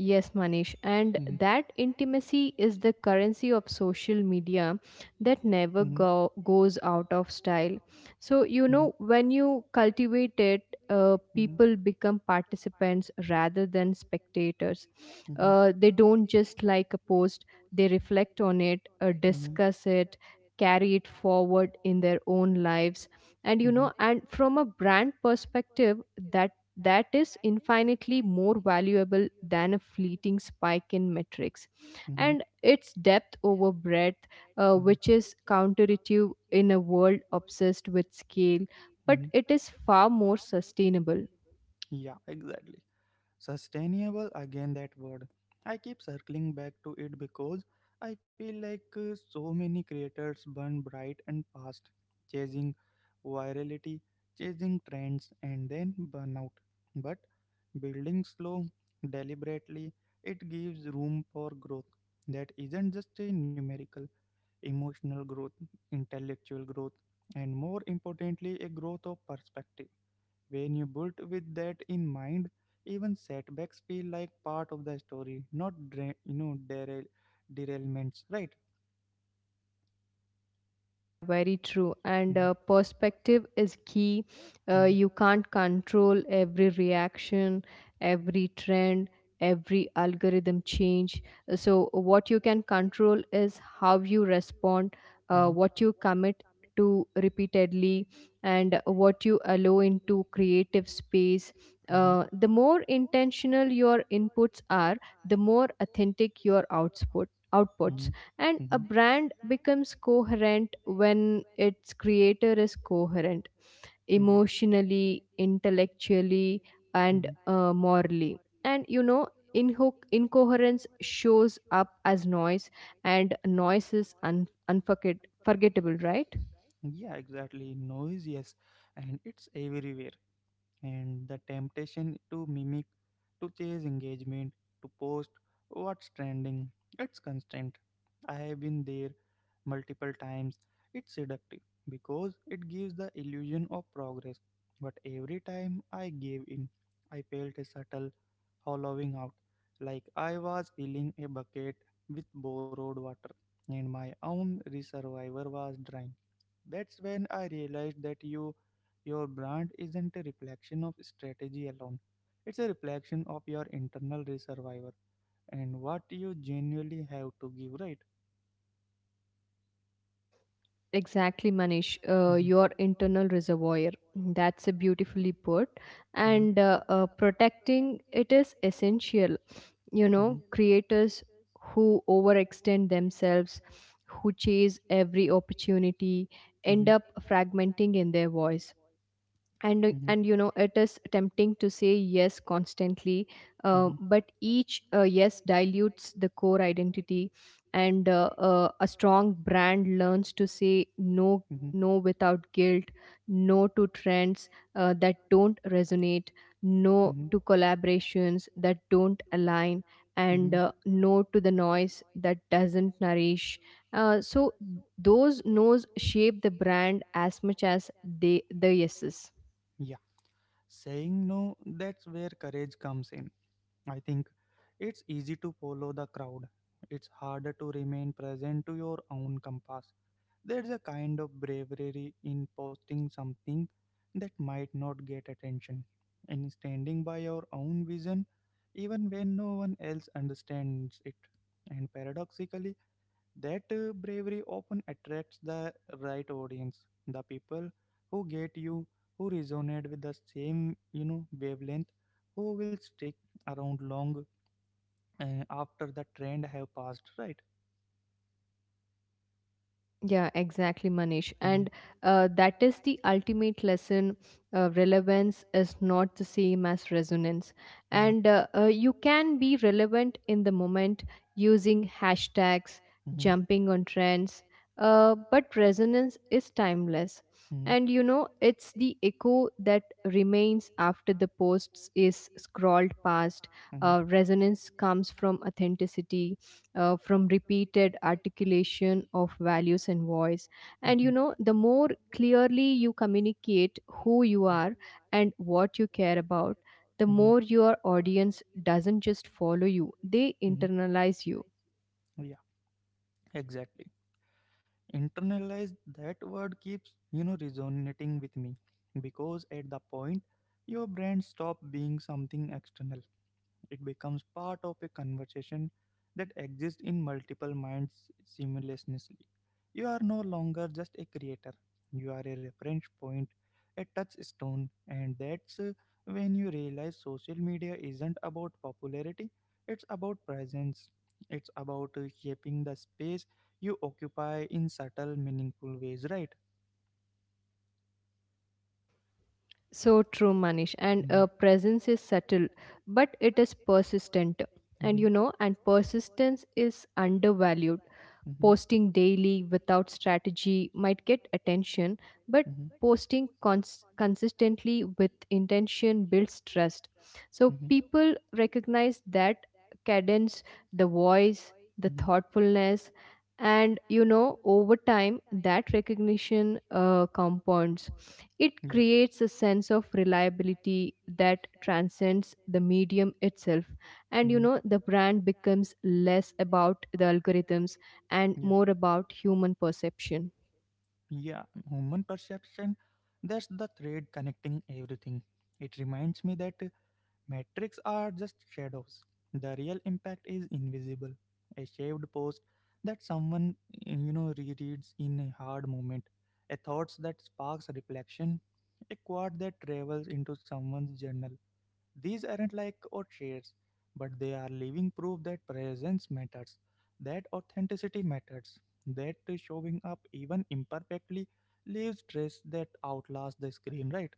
[SPEAKER 2] Yes, Manish. And
[SPEAKER 1] Yes.
[SPEAKER 2] that intimacy is the currency of social media that never
[SPEAKER 1] Mm-hmm. And.
[SPEAKER 2] goes out of style. So, you
[SPEAKER 1] Mm-hmm.
[SPEAKER 2] know, when you cultivate it,
[SPEAKER 1] Mm-hmm. Mm-hmm.
[SPEAKER 2] people become participants rather than spectators.
[SPEAKER 1] Mm-hmm.
[SPEAKER 2] They don't just like a post, they reflect on it,
[SPEAKER 1] Mm-hmm.
[SPEAKER 2] discuss it, carry it forward in their own lives. And, you
[SPEAKER 1] Mm-hmm.
[SPEAKER 2] know, and from a brand perspective, that that is infinitely more valuable than a fleeting spike in metrics. And it's depth over breadth, which is counterintuitive in a world obsessed with scale, but
[SPEAKER 1] Mm-hmm.
[SPEAKER 2] it
[SPEAKER 1] Mm-hmm.
[SPEAKER 2] is far more sustainable.
[SPEAKER 1] Yeah, exactly. Sustainable, again, that word. I keep circling back to it because I feel like so many creators burn bright and fast, chasing virality, chasing trends, and then burn out. But building slow, deliberately, it gives room for growth that isn't just a numerical, emotional growth, intellectual growth, and more importantly, a growth of perspective. When you built with that in mind, even setbacks feel like part of the story, not derailments, right?
[SPEAKER 2] Yeah, very true. And
[SPEAKER 1] Mhm,
[SPEAKER 2] perspective is key.
[SPEAKER 1] mhm,
[SPEAKER 2] You can't control every reaction, every trend, every algorithm change. So, what you can control is how you respond,
[SPEAKER 1] mhm,
[SPEAKER 2] what you commit to repeatedly, and what you allow into creative space.
[SPEAKER 1] mhm,
[SPEAKER 2] The more intentional your inputs are, the more authentic your
[SPEAKER 1] of
[SPEAKER 2] outputs.
[SPEAKER 1] mhm,
[SPEAKER 2] And a
[SPEAKER 1] mhm,
[SPEAKER 2] brand becomes coherent when its creator is coherent,
[SPEAKER 1] yeah,
[SPEAKER 2] emotionally, intellectually, and
[SPEAKER 1] mhm.
[SPEAKER 2] morally. And you know, incoherence shows up as noise, and noise is forgettable, right?
[SPEAKER 1] Yeah, exactly. Noise, yes, and it's everywhere, and the temptation to mimic, to chase engagement, to post what's trending, it's constant. I have been there multiple times. It's seductive because it gives the illusion of progress. But every time I gave in, I felt a subtle hollowing out, like I was filling a bucket with borrowed water, and my own reservoir was drying. That's when I realized that you, your brand isn't a reflection of strategy alone. It's a reflection of your internal survivor and what you genuinely have to give, right?
[SPEAKER 2] Exactly, Manish.
[SPEAKER 1] Mhm,
[SPEAKER 2] Your internal reservoir. That's a beautifully put.
[SPEAKER 1] mhm,
[SPEAKER 2] And protecting it is essential. You know,
[SPEAKER 1] mhm,
[SPEAKER 2] creators who overextend themselves, who chase every opportunity, end
[SPEAKER 1] mhm,
[SPEAKER 2] up fragmenting in their voice. and uh,
[SPEAKER 1] mhm,
[SPEAKER 2] and you know, it is tempting to say yes constantly,
[SPEAKER 1] mhm,
[SPEAKER 2] but each yes dilutes the core identity. And a strong brand learns to say no,
[SPEAKER 1] no mhm.
[SPEAKER 2] no without guilt, no to trends that don't resonate, no
[SPEAKER 1] Mm-hmm.
[SPEAKER 2] to collaborations that don't align, and
[SPEAKER 1] Mm-hmm.
[SPEAKER 2] no to the noise that doesn't nourish. So those no's shape the brand as much as the yeses.
[SPEAKER 1] Yeah, saying no, that's where courage comes in. I think it's easy to follow the crowd, it's harder to remain present to your own compass. There's a kind of bravery in posting something that might not get attention, in standing by your own vision even when no one else understands it. And paradoxically, that bravery often attracts the right audience, the people who get you, who resonate with the same wavelength, who will stick around long after the trend have passed, right?
[SPEAKER 2] Yeah, exactly, Manish.
[SPEAKER 1] Mm-hmm,
[SPEAKER 2] And that is the ultimate lesson. Relevance is not the same as resonance.
[SPEAKER 1] Manish.
[SPEAKER 2] And you can be relevant in the moment using hashtags,
[SPEAKER 1] Mm-hmm, mm-hmm, mm-hmm,
[SPEAKER 2] jumping on trends, but resonance is timeless.
[SPEAKER 1] mm-hmm,
[SPEAKER 2] And you know, it's the echo that remains after the posts is scrolled past.
[SPEAKER 1] mm-hmm, voice
[SPEAKER 2] Resonance comes from authenticity, from repeated articulation of values and voice. And you
[SPEAKER 1] mm-hmm,
[SPEAKER 2] know, the more clearly you communicate who you are and what you care about, the more
[SPEAKER 1] mm-hmm,
[SPEAKER 2] your audience doesn't just follow you, they
[SPEAKER 1] mm-hmm.
[SPEAKER 2] internalize you.
[SPEAKER 1] You. Yeah, exactly. Internalize, that word keeps resonating with me because at the point your brand stop being something external it becomes part of a conversation that exists in multiple minds simultaneously. You are no longer just a creator, you are a reference point, a touchstone, and that's when you realize social media isn't about popularity, it's about presence. It's about shaping the space you occupy in subtle, meaningful ways, right?
[SPEAKER 2] So true, Manish. And presence is subtle, but it is persistent. And
[SPEAKER 1] Mhm.
[SPEAKER 2] you know, and persistence is undervalued.
[SPEAKER 1] And mhm,
[SPEAKER 2] Posting daily without strategy might get attention, but
[SPEAKER 1] mhm,
[SPEAKER 2] posting consistently with intention builds trust. So
[SPEAKER 1] mhm, mhm,
[SPEAKER 2] people recognize that cadence, the voice, the
[SPEAKER 1] mhm.
[SPEAKER 2] thoughtfulness. And you know, over time, that recognition compounds. It
[SPEAKER 1] Yeah.
[SPEAKER 2] creates a sense of reliability that transcends the medium itself. And you
[SPEAKER 1] Sound.
[SPEAKER 2] know, the brand becomes less about the algorithms and
[SPEAKER 1] Yeah.
[SPEAKER 2] more about human perception.
[SPEAKER 1] Perception. Yeah, human perception, that's the thread connecting everything. It reminds me that metrics are just shadows. The real impact is invisible. A shaved post that someone rereads in a hard moment, a thought that sparks reflection, a quote that travels into someone's journal. These aren't like portraits, but they are living proof that presence matters, that authenticity matters, that showing up even imperfectly leaves traces that outlast the screen, right?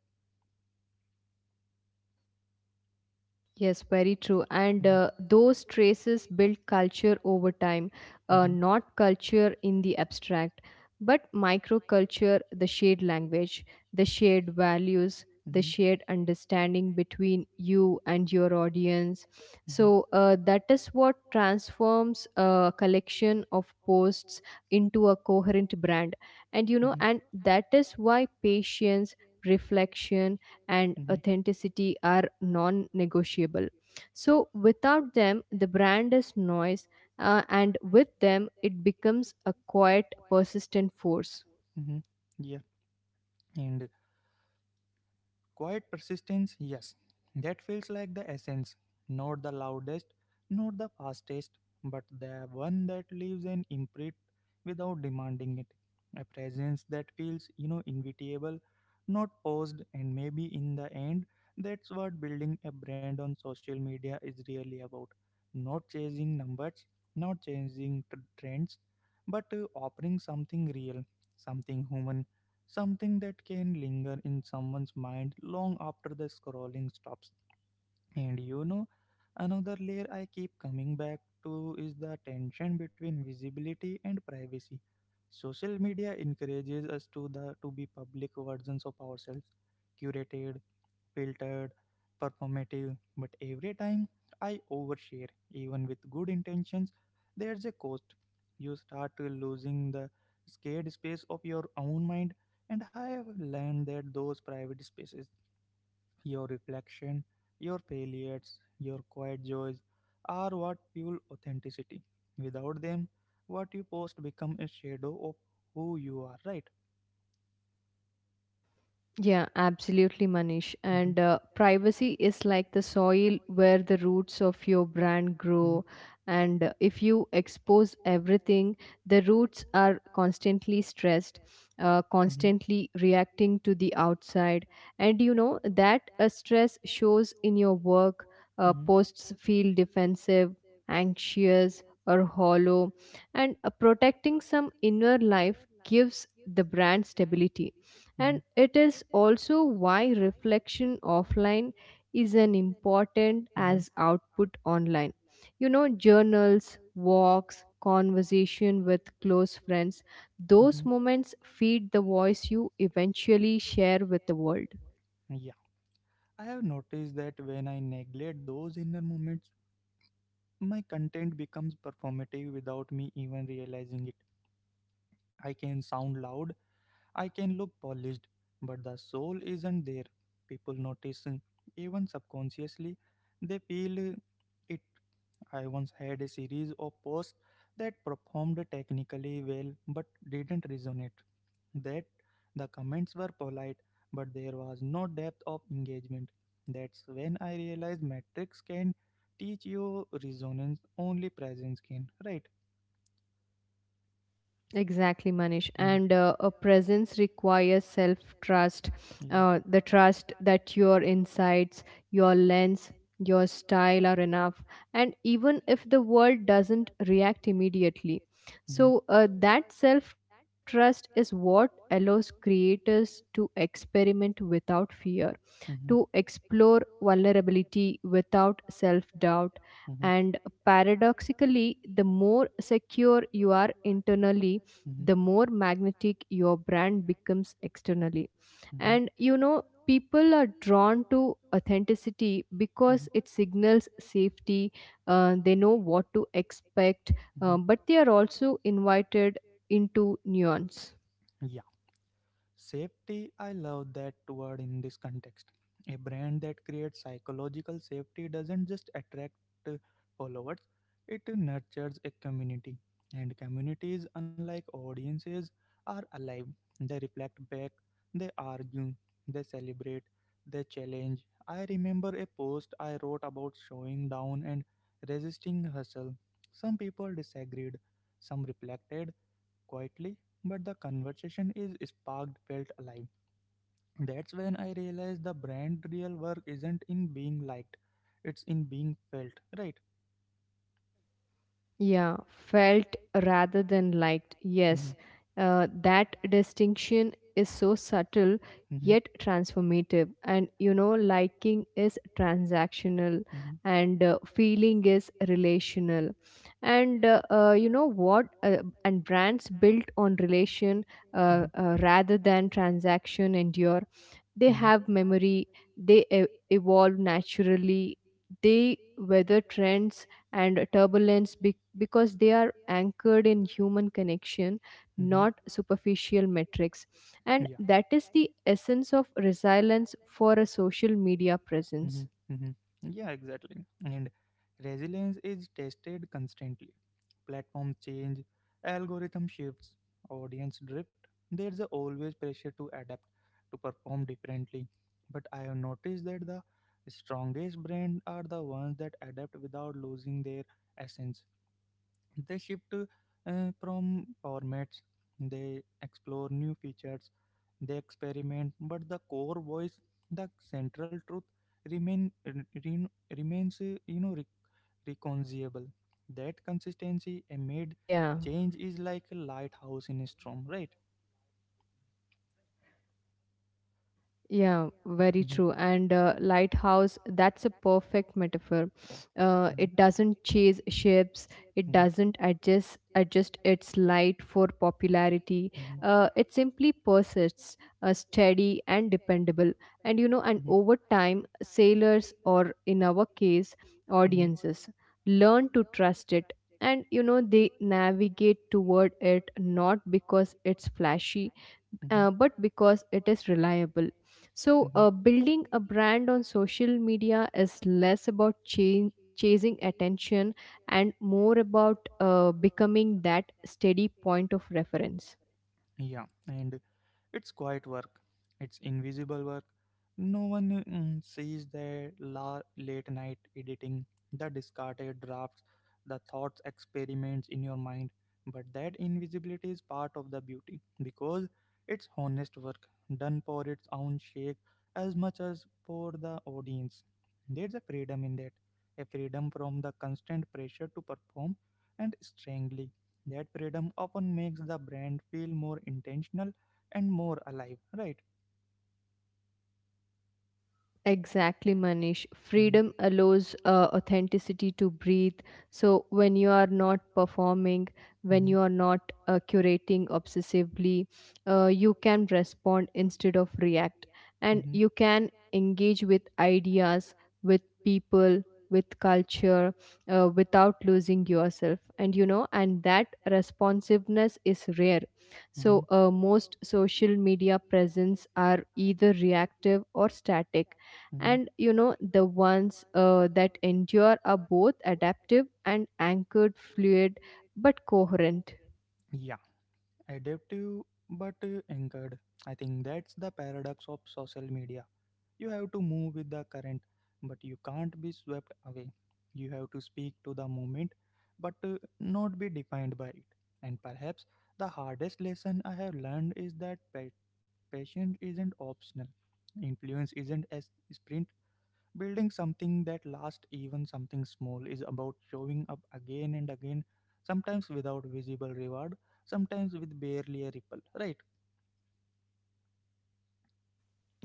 [SPEAKER 2] Yes, very true. And
[SPEAKER 1] Mhm,
[SPEAKER 2] those traces build culture over time,
[SPEAKER 1] and mhm,
[SPEAKER 2] not culture in the abstract, but microculture, the shared language, the shared values, the
[SPEAKER 1] mhm,
[SPEAKER 2] shared understanding between you and your audience.
[SPEAKER 1] mhm,
[SPEAKER 2] So that is what transforms a collection of posts into a coherent brand. And you
[SPEAKER 1] and
[SPEAKER 2] know,
[SPEAKER 1] mhm,
[SPEAKER 2] and that is why patience, reflection, and
[SPEAKER 1] mhm,
[SPEAKER 2] authenticity are non negotiable. So, without them, the brand is noise, and with them, it becomes a quiet, persistent force.
[SPEAKER 1] mhm. Yeah, and quiet persistence, yes, that feels like the essence, not the loudest, not the fastest, but the one that leaves an imprint without demanding it. A presence that feels, invitable, not forced. And maybe in the end, that's what building a brand on social media is really about. Not chasing numbers, not chasing trends, but offering something real, something human, something that can linger in someone's mind long after the scrolling stops. And you know, Another layer I keep coming back to is the tension between visibility and privacy. Social media encourages us to be public versions of ourselves, curated, filtered, performative. But every time I overshare, even with good intentions, there's a cost. You start losing the scared space of your own mind, and I have learned that those private spaces, your reflection, your failures, your quiet joys, are what fuel authenticity. Without them, what you post become a shadow of who you are, right?
[SPEAKER 2] Yeah, absolutely, Manish.
[SPEAKER 1] Mhm.
[SPEAKER 2] And privacy is like the soil where the roots of your brand
[SPEAKER 1] hmm
[SPEAKER 2] grow. And if you expose everything, the roots are constantly stressed,
[SPEAKER 1] hmm
[SPEAKER 2] constantly reacting to the outside. And you know that stress shows in your work.
[SPEAKER 1] hmm
[SPEAKER 2] Posts feel defensive, anxious, or hollow. And protecting some inner life gives the brand stability.
[SPEAKER 1] hmm
[SPEAKER 2] And it is also why reflection offline is an important
[SPEAKER 1] hmm
[SPEAKER 2] as output online. You know, journals, walks, conversation with close friends,
[SPEAKER 1] hmm
[SPEAKER 2] those moments feed the voice you eventually share with the world.
[SPEAKER 1] Yeah, I have noticed that when I neglect those inner moments, my content becomes performative without me even realizing it. I can sound loud, I can look polished, but the soul isn't there. People notice, even subconsciously, they feel it. I once had a series of posts that performed technically well but didn't resonate. That The comments were polite, but there was no depth of engagement. That's when I realized metrics can teach you resonance, only presence can, right?
[SPEAKER 2] Exactly, Manish.
[SPEAKER 1] Mhm.
[SPEAKER 2] And a presence requires self trust,
[SPEAKER 1] Yeah.
[SPEAKER 2] the trust that your insights, your lens, your style are enough, and even if the world doesn't react immediately.
[SPEAKER 1] Mm-hmm.
[SPEAKER 2] So, that self trust is what allows creators to experiment without fear, to
[SPEAKER 1] Mhm,
[SPEAKER 2] explore vulnerability without self doubt.
[SPEAKER 1] mhm,
[SPEAKER 2] And paradoxically, the more secure you are internally,
[SPEAKER 1] mhm,
[SPEAKER 2] the more magnetic your brand becomes externally.
[SPEAKER 1] mhm,
[SPEAKER 2] And you know, people are drawn to authenticity
[SPEAKER 1] mhm,
[SPEAKER 2] because it signals safety, they know what to expect,
[SPEAKER 1] mhm.
[SPEAKER 2] but they are also invited into nuance.
[SPEAKER 1] Safety, I love that word in this context. A brand that creates psychological safety doesn't just attract uh, followers, it nurtures a community. And communities, unlike audiences, are alive. They reflect back, they argue, they celebrate, they challenge. I remember a post I wrote about showing down and resisting hustle. Some people disagreed, some reflected quietly, but the conversation is sparked, felt alive. That's when I realized the brand real work isn't in being liked, it's in being felt, right?
[SPEAKER 2] Yeah, felt rather than liked.
[SPEAKER 1] Mm-hmm.
[SPEAKER 2] Yes, that distinction is so subtle
[SPEAKER 1] Mm-hmm.
[SPEAKER 2] yet transformative. And you know, liking is transactional, and feeling is relational. And you know what? And brands built on relation, rather than transaction, endure. They
[SPEAKER 1] Mm-hmm. Mm-hmm.
[SPEAKER 2] have memory, they evolve naturally, they weather trends and turbulence, because they are anchored in human connection,
[SPEAKER 1] Mm-hmm.
[SPEAKER 2] not superficial metrics. And
[SPEAKER 1] Yeah.
[SPEAKER 2] that is the essence of resilience for a social media presence.
[SPEAKER 1] hmm hmm Yeah, exactly. And resilience is tested constantly. Platforms change, algorithm shifts, audience drift. There's a always pressure to adapt, to perform differently. But I have noticed that the strongest brands are the ones that adapt without losing their essence. They shift from formats, they explore new features, they experiment, but the core voice, the central truth, remain re, remains reconcilable. That consistency amid
[SPEAKER 2] Yeah.
[SPEAKER 1] change is like a lighthouse in a storm, right?
[SPEAKER 2] Yeah, very
[SPEAKER 1] Mhm,
[SPEAKER 2] true. And lighthouse, that's a perfect metaphor.
[SPEAKER 1] mhm,
[SPEAKER 2] It doesn't chase ships, it
[SPEAKER 1] mhm,
[SPEAKER 2] doesn't adjust its light for
[SPEAKER 1] mhm,
[SPEAKER 2] popularity. It simply persists, steady and dependable. And you know,
[SPEAKER 1] mhm,
[SPEAKER 2] and over time, sailors, or in our case,
[SPEAKER 1] mhm,
[SPEAKER 2] audiences learn to trust it. They navigate toward it not because it's flashy,
[SPEAKER 1] mhm,
[SPEAKER 2] but because it is reliable. So,
[SPEAKER 1] mhm.
[SPEAKER 2] building a brand on social media is less about chasing attention and more about becoming that steady point of reference.
[SPEAKER 1] Yeah, and it's quiet work, it's invisible work. No one sees the late night editing, the discarded drafts, the thoughts experiments in your mind. But that invisibility is part of the beauty because it's honest work done for its own sake as much as for the audience. There's a freedom in that, a freedom from the constant pressure to perform. And strangely, that freedom often makes the brand feel more intentional and more alive, right?
[SPEAKER 2] Exactly, Manish.
[SPEAKER 1] hmm
[SPEAKER 2] Freedom allows authenticity to breathe. So, when you are not performing, when
[SPEAKER 1] hmm
[SPEAKER 2] you are not curating obsessively, you can respond instead of react. And
[SPEAKER 1] hmm
[SPEAKER 2] you can engage with ideas, with people, with culture, without losing yourself. And that responsiveness is rare.
[SPEAKER 1] Mm-hmm,
[SPEAKER 2] So, most social media presence are either reactive or static,
[SPEAKER 1] mm-hmm.
[SPEAKER 2] and the ones that endure are both adaptive and anchored, fluid but coherent.
[SPEAKER 1] Yeah, adaptive but anchored. I think that's the paradox of social media. You have to move with the current, but you can't be swept away. You have to speak to the moment, but not be defined by it. And perhaps the hardest lesson I have learned is that patience isn't optional. Influence isn't a sprint. Building something that lasts, even something small, is about showing up again and again, sometimes without visible reward, sometimes with barely a ripple. Right?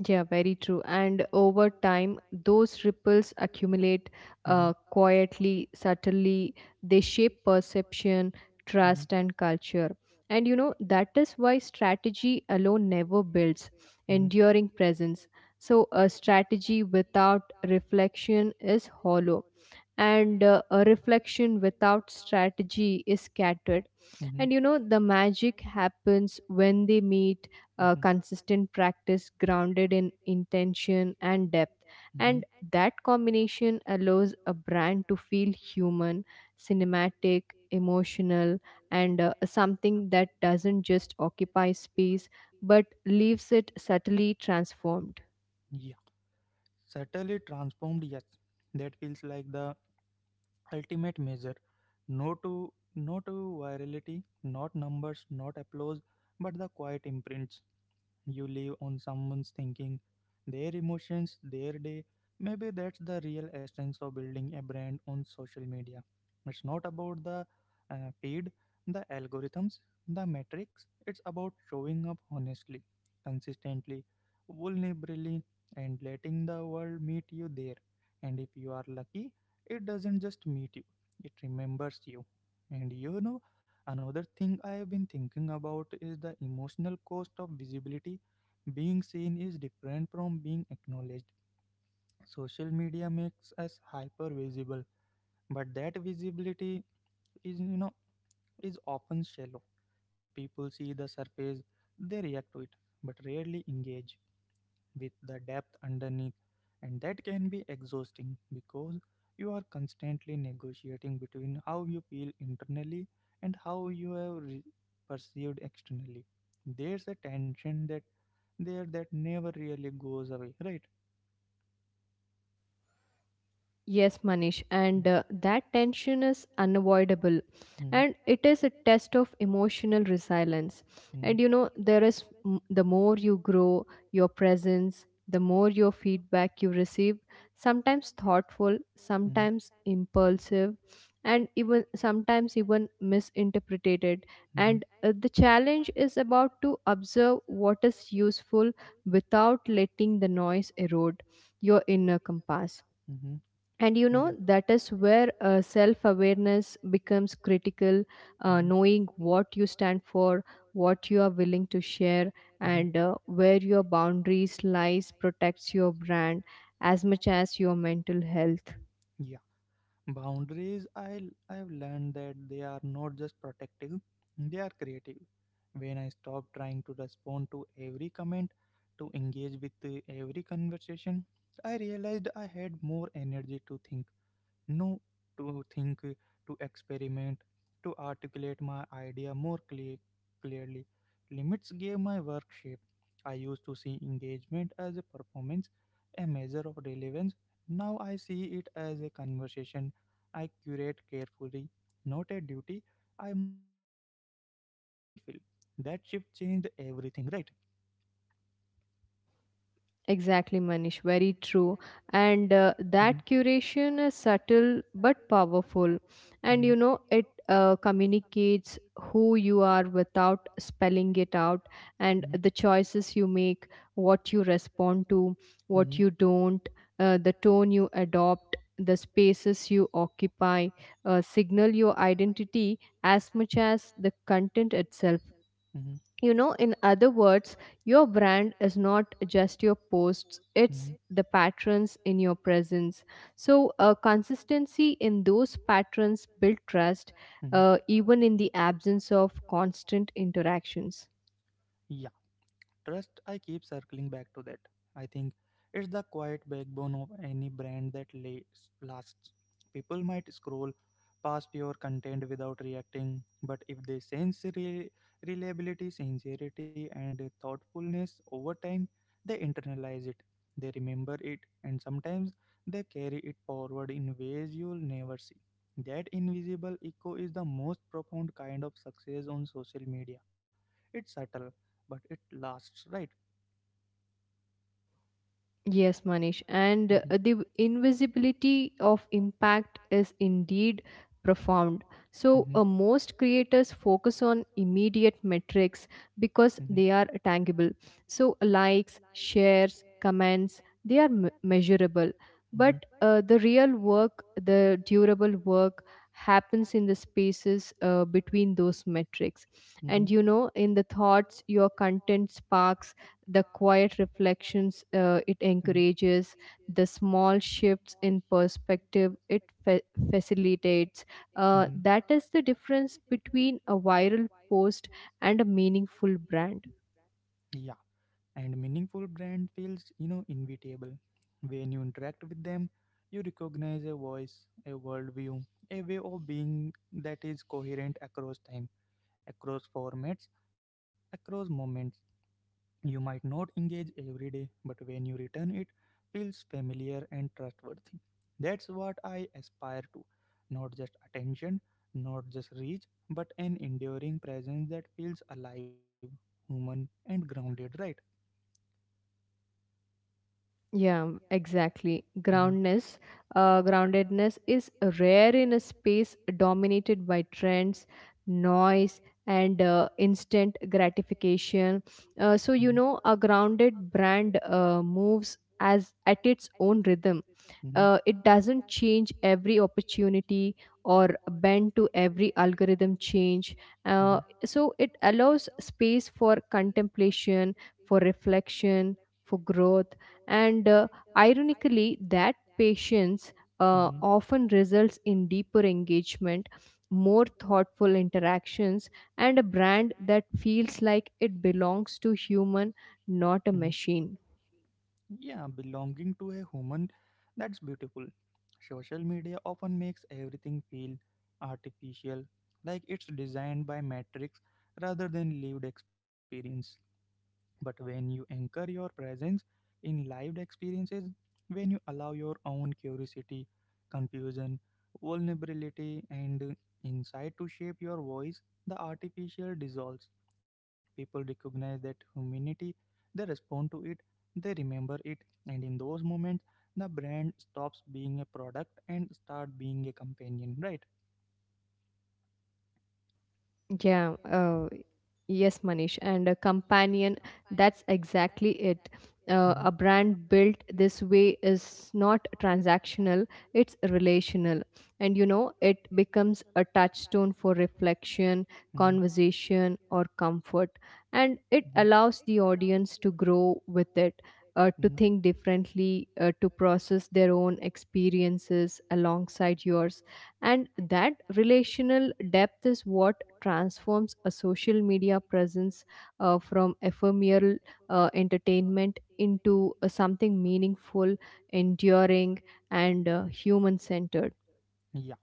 [SPEAKER 2] Yeah, very true. And over time, those ripples accumulate,
[SPEAKER 1] Mm-hmm,
[SPEAKER 2] quietly, subtly. They shape perception,
[SPEAKER 1] mm-hmm,
[SPEAKER 2] trust, and culture. And that is why strategy alone never builds
[SPEAKER 1] culture.
[SPEAKER 2] enduring presence. So a strategy without reflection is hollow, and a reflection without strategy is scattered. and you
[SPEAKER 1] Mm-hmm,
[SPEAKER 2] know the magic happens when they meet:
[SPEAKER 1] mm-hmm,
[SPEAKER 2] consistent practice grounded in intention and depth. And
[SPEAKER 1] mm-hmm.
[SPEAKER 2] that combination allows a brand to feel human, cinematic, emotional, and something that doesn't just occupy space but leaves it subtly transformed.
[SPEAKER 1] Yeah, subtly transformed. Yes, that feels like the ultimate measure. No to no to virality, not numbers, not applause, but the quiet imprints you leave on someone's thinking, their emotions, their day. Maybe that's the real essence of building a brand on social media. It's not about the feed, the algorithms, the metrics. It's about showing up honestly, consistently, vulnerably, and letting the world meet you there. And if you are lucky, it doesn't just meet you, it remembers you. And you know, Another thing I have been thinking about is the emotional cost of visibility. Being seen is different from being acknowledged. Social media makes us hyper visible, but that visibility is, is often shallow. People see the surface, they react to it, but rarely engage with the depth underneath. And that can be exhausting because you are constantly negotiating between how you feel internally and how you perceived externally. There's a tension that never really goes away, right?
[SPEAKER 2] Yes, Manish,
[SPEAKER 1] Mm,
[SPEAKER 2] and that tension is unavoidable,
[SPEAKER 1] mm,
[SPEAKER 2] and it is a test of emotional resilience.
[SPEAKER 1] mm,
[SPEAKER 2] There is the more you grow your presence, the more your feedback you receive, sometimes thoughtful,
[SPEAKER 1] mm,
[SPEAKER 2] sometimes impulsive, and even sometimes even misinterpreted.
[SPEAKER 1] mm,
[SPEAKER 2] And the challenge is about to observe what is useful without letting the noise erode your inner compass.
[SPEAKER 1] mm,
[SPEAKER 2] and you
[SPEAKER 1] yeah,
[SPEAKER 2] know that is where self awareness becomes critical,
[SPEAKER 1] mm,
[SPEAKER 2] knowing what you stand for, what you are willing to share,
[SPEAKER 1] mm,
[SPEAKER 2] and where your boundaries lies protects your brand as much as your mental health.
[SPEAKER 1] yeah. Boundaries, I've learned that they are not just protective, they are creative. When I stop trying to respond to every comment, to engage with every conversation, I realized I had more energy to think, no to think, to experiment, to articulate my idea clearly. Limits gave my work shape. I used to see engagement as a performance, a measure of relevance. Now I see it as a conversation I curate carefully, not a duty I must fulfill. That shift changed everything, right?
[SPEAKER 2] Exactly, Manish. Very true. And
[SPEAKER 1] Mhm,
[SPEAKER 2] that curation is subtle but powerful.
[SPEAKER 1] mhm,
[SPEAKER 2] It communicates who you are without spelling it out, and the
[SPEAKER 1] mhm,
[SPEAKER 2] choices you make, what you respond to, what
[SPEAKER 1] mhm,
[SPEAKER 2] you don't, the tone you adopt, the spaces you occupy, signal your identity as much as the content itself.
[SPEAKER 1] mhm,
[SPEAKER 2] You know in other words, your brand is not just your posts,
[SPEAKER 1] mhm,
[SPEAKER 2] it's
[SPEAKER 1] it's
[SPEAKER 2] the patterns in your presence. So consistency in those patterns build trust,
[SPEAKER 1] mhm.
[SPEAKER 2] even in the absence of constant interactions.
[SPEAKER 1] Yeah, trust, I keep circling back to that. I think it's the quiet backbone of any brand that lasts. People might scroll past your content without reacting, but if they sense reliability, sincerity, and thoughtfulness over time, they internalize it. They remember it, and sometimes they carry it forward in ways you'll never see. That invisible echo is the most profound kind of success on social media. It's subtle, but it lasts, right?
[SPEAKER 2] Yes, Manish. And
[SPEAKER 1] hmm
[SPEAKER 2] the invisibility of impact is indeed profound. So,
[SPEAKER 1] hmm
[SPEAKER 2] most creators focus on immediate metrics because
[SPEAKER 1] hmm
[SPEAKER 2] they are tangible. So, likes, shares, comments, they are measurable. But
[SPEAKER 1] hmm
[SPEAKER 2] the real work, the durable work, happens in the spaces between those metrics.
[SPEAKER 1] hmm
[SPEAKER 2] In the thoughts your content sparks, the quiet reflections
[SPEAKER 1] uh,
[SPEAKER 2] it
[SPEAKER 1] hmm
[SPEAKER 2] encourages, the small shifts in perspective it facilitates.
[SPEAKER 1] hmm
[SPEAKER 2] That is the difference between a viral post and a meaningful brand.
[SPEAKER 1] Yeah, and meaningful brand feels, inevitable. When you interact with them, you recognize a voice, a worldview, a way of being that is coherent across time, across formats, across moments. You might not engage every day, but when you return, it feels familiar and trustworthy. That's what I aspire to. Not just attention, not just reach, but an enduring presence that feels alive, human, and grounded, right?
[SPEAKER 2] Yeah, exactly.
[SPEAKER 1] Mm-hmm,
[SPEAKER 2] Groundness, groundedness is rare in a space dominated by trends, noise, and instant gratification. Uh, so
[SPEAKER 1] mm-hmm,
[SPEAKER 2] you know, a grounded brand moves as at its own rhythm. It doesn't change every opportunity or bend to every algorithm change.
[SPEAKER 1] mm-hmm,
[SPEAKER 2] So it allows space for contemplation, for reflection, for growth. And ironically, that patience
[SPEAKER 1] mm-hmm, mm-hmm,
[SPEAKER 2] often results in deeper engagement, more thoughtful interactions, and a brand that feels like it belongs to human,
[SPEAKER 1] uh,
[SPEAKER 2] not a machine.
[SPEAKER 1] yeah, belonging to a human, that's beautiful. Social media often makes everything feel artificial, like it's designed by metrics rather than lived experience. But when you anchor your presence in lived experiences, when you allow your own curiosity, confusion, vulnerability, and insight to shape your voice, the artificial dissolves. People recognize that humanity, they respond to it, they remember it, and in those moments, the brand stops being a product and start being a companion, right?
[SPEAKER 2] Yeah, yes, Manish, and a companion, that's exactly it.
[SPEAKER 1] Mm-hmm,
[SPEAKER 2] A brand built this way is not transactional, it's relational. It becomes a touchstone for reflection,
[SPEAKER 1] mm-hmm,
[SPEAKER 2] conversation, or comfort. And
[SPEAKER 1] mm-hmm,
[SPEAKER 2] it allows the audience to grow with it,
[SPEAKER 1] mm-hmm.
[SPEAKER 2] to think differently, to process their own experiences alongside yours. And that relational depth is what transforms a social media presence from ephemeral entertainment into something meaningful, enduring, and human centered.
[SPEAKER 1] Yeah,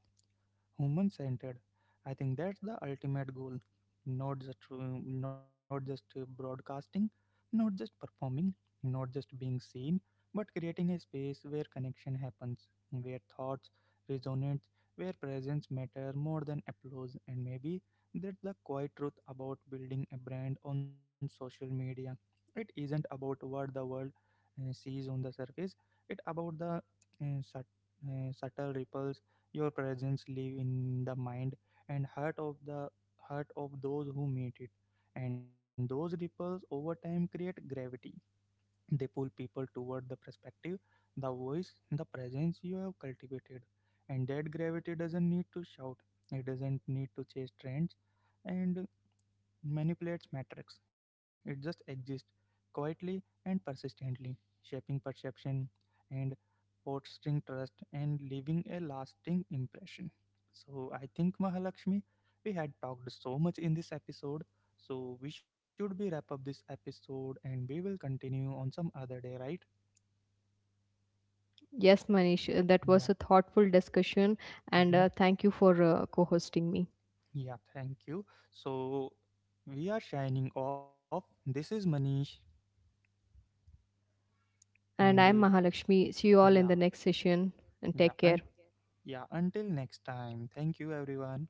[SPEAKER 1] human centered. I think that's the ultimate goal. Not just broadcasting, not just performing, not just being seen, but creating a space where connection happens, where thoughts resonate, where presence matter more than applause. And maybe that's the quiet truth about building a brand on social media. It isn't about what the world sees on the surface. It's about the uh, sut- subtle ripples your presence live in the mind and heart of the heart of those who meet it. And those ripples over time create gravity. They pull people toward the perspective, the voice, the presence you have cultivated. And that gravity doesn't need to shout. It doesn't need to chase trends and manipulates metrics. It just exists quietly and persistently, shaping perception and fostering trust and leaving a lasting impression. So I think, Mahalakshmi, we had talked so much in this episode. So we should be wrap up this episode and we will continue on some other day, right?
[SPEAKER 2] Yes, Manish, that
[SPEAKER 1] Yeah.
[SPEAKER 2] was a thoughtful discussion, and
[SPEAKER 1] Mhm.
[SPEAKER 2] thank you for co hosting me.
[SPEAKER 1] Yeah, thank you. So we are shining off. This is Manish, and
[SPEAKER 2] And I'm Mahalakshmi. See you all in
[SPEAKER 1] yeah,
[SPEAKER 2] the next session, and
[SPEAKER 1] yeah,
[SPEAKER 2] take care.
[SPEAKER 1] and yeah, until next time. Thank you everyone.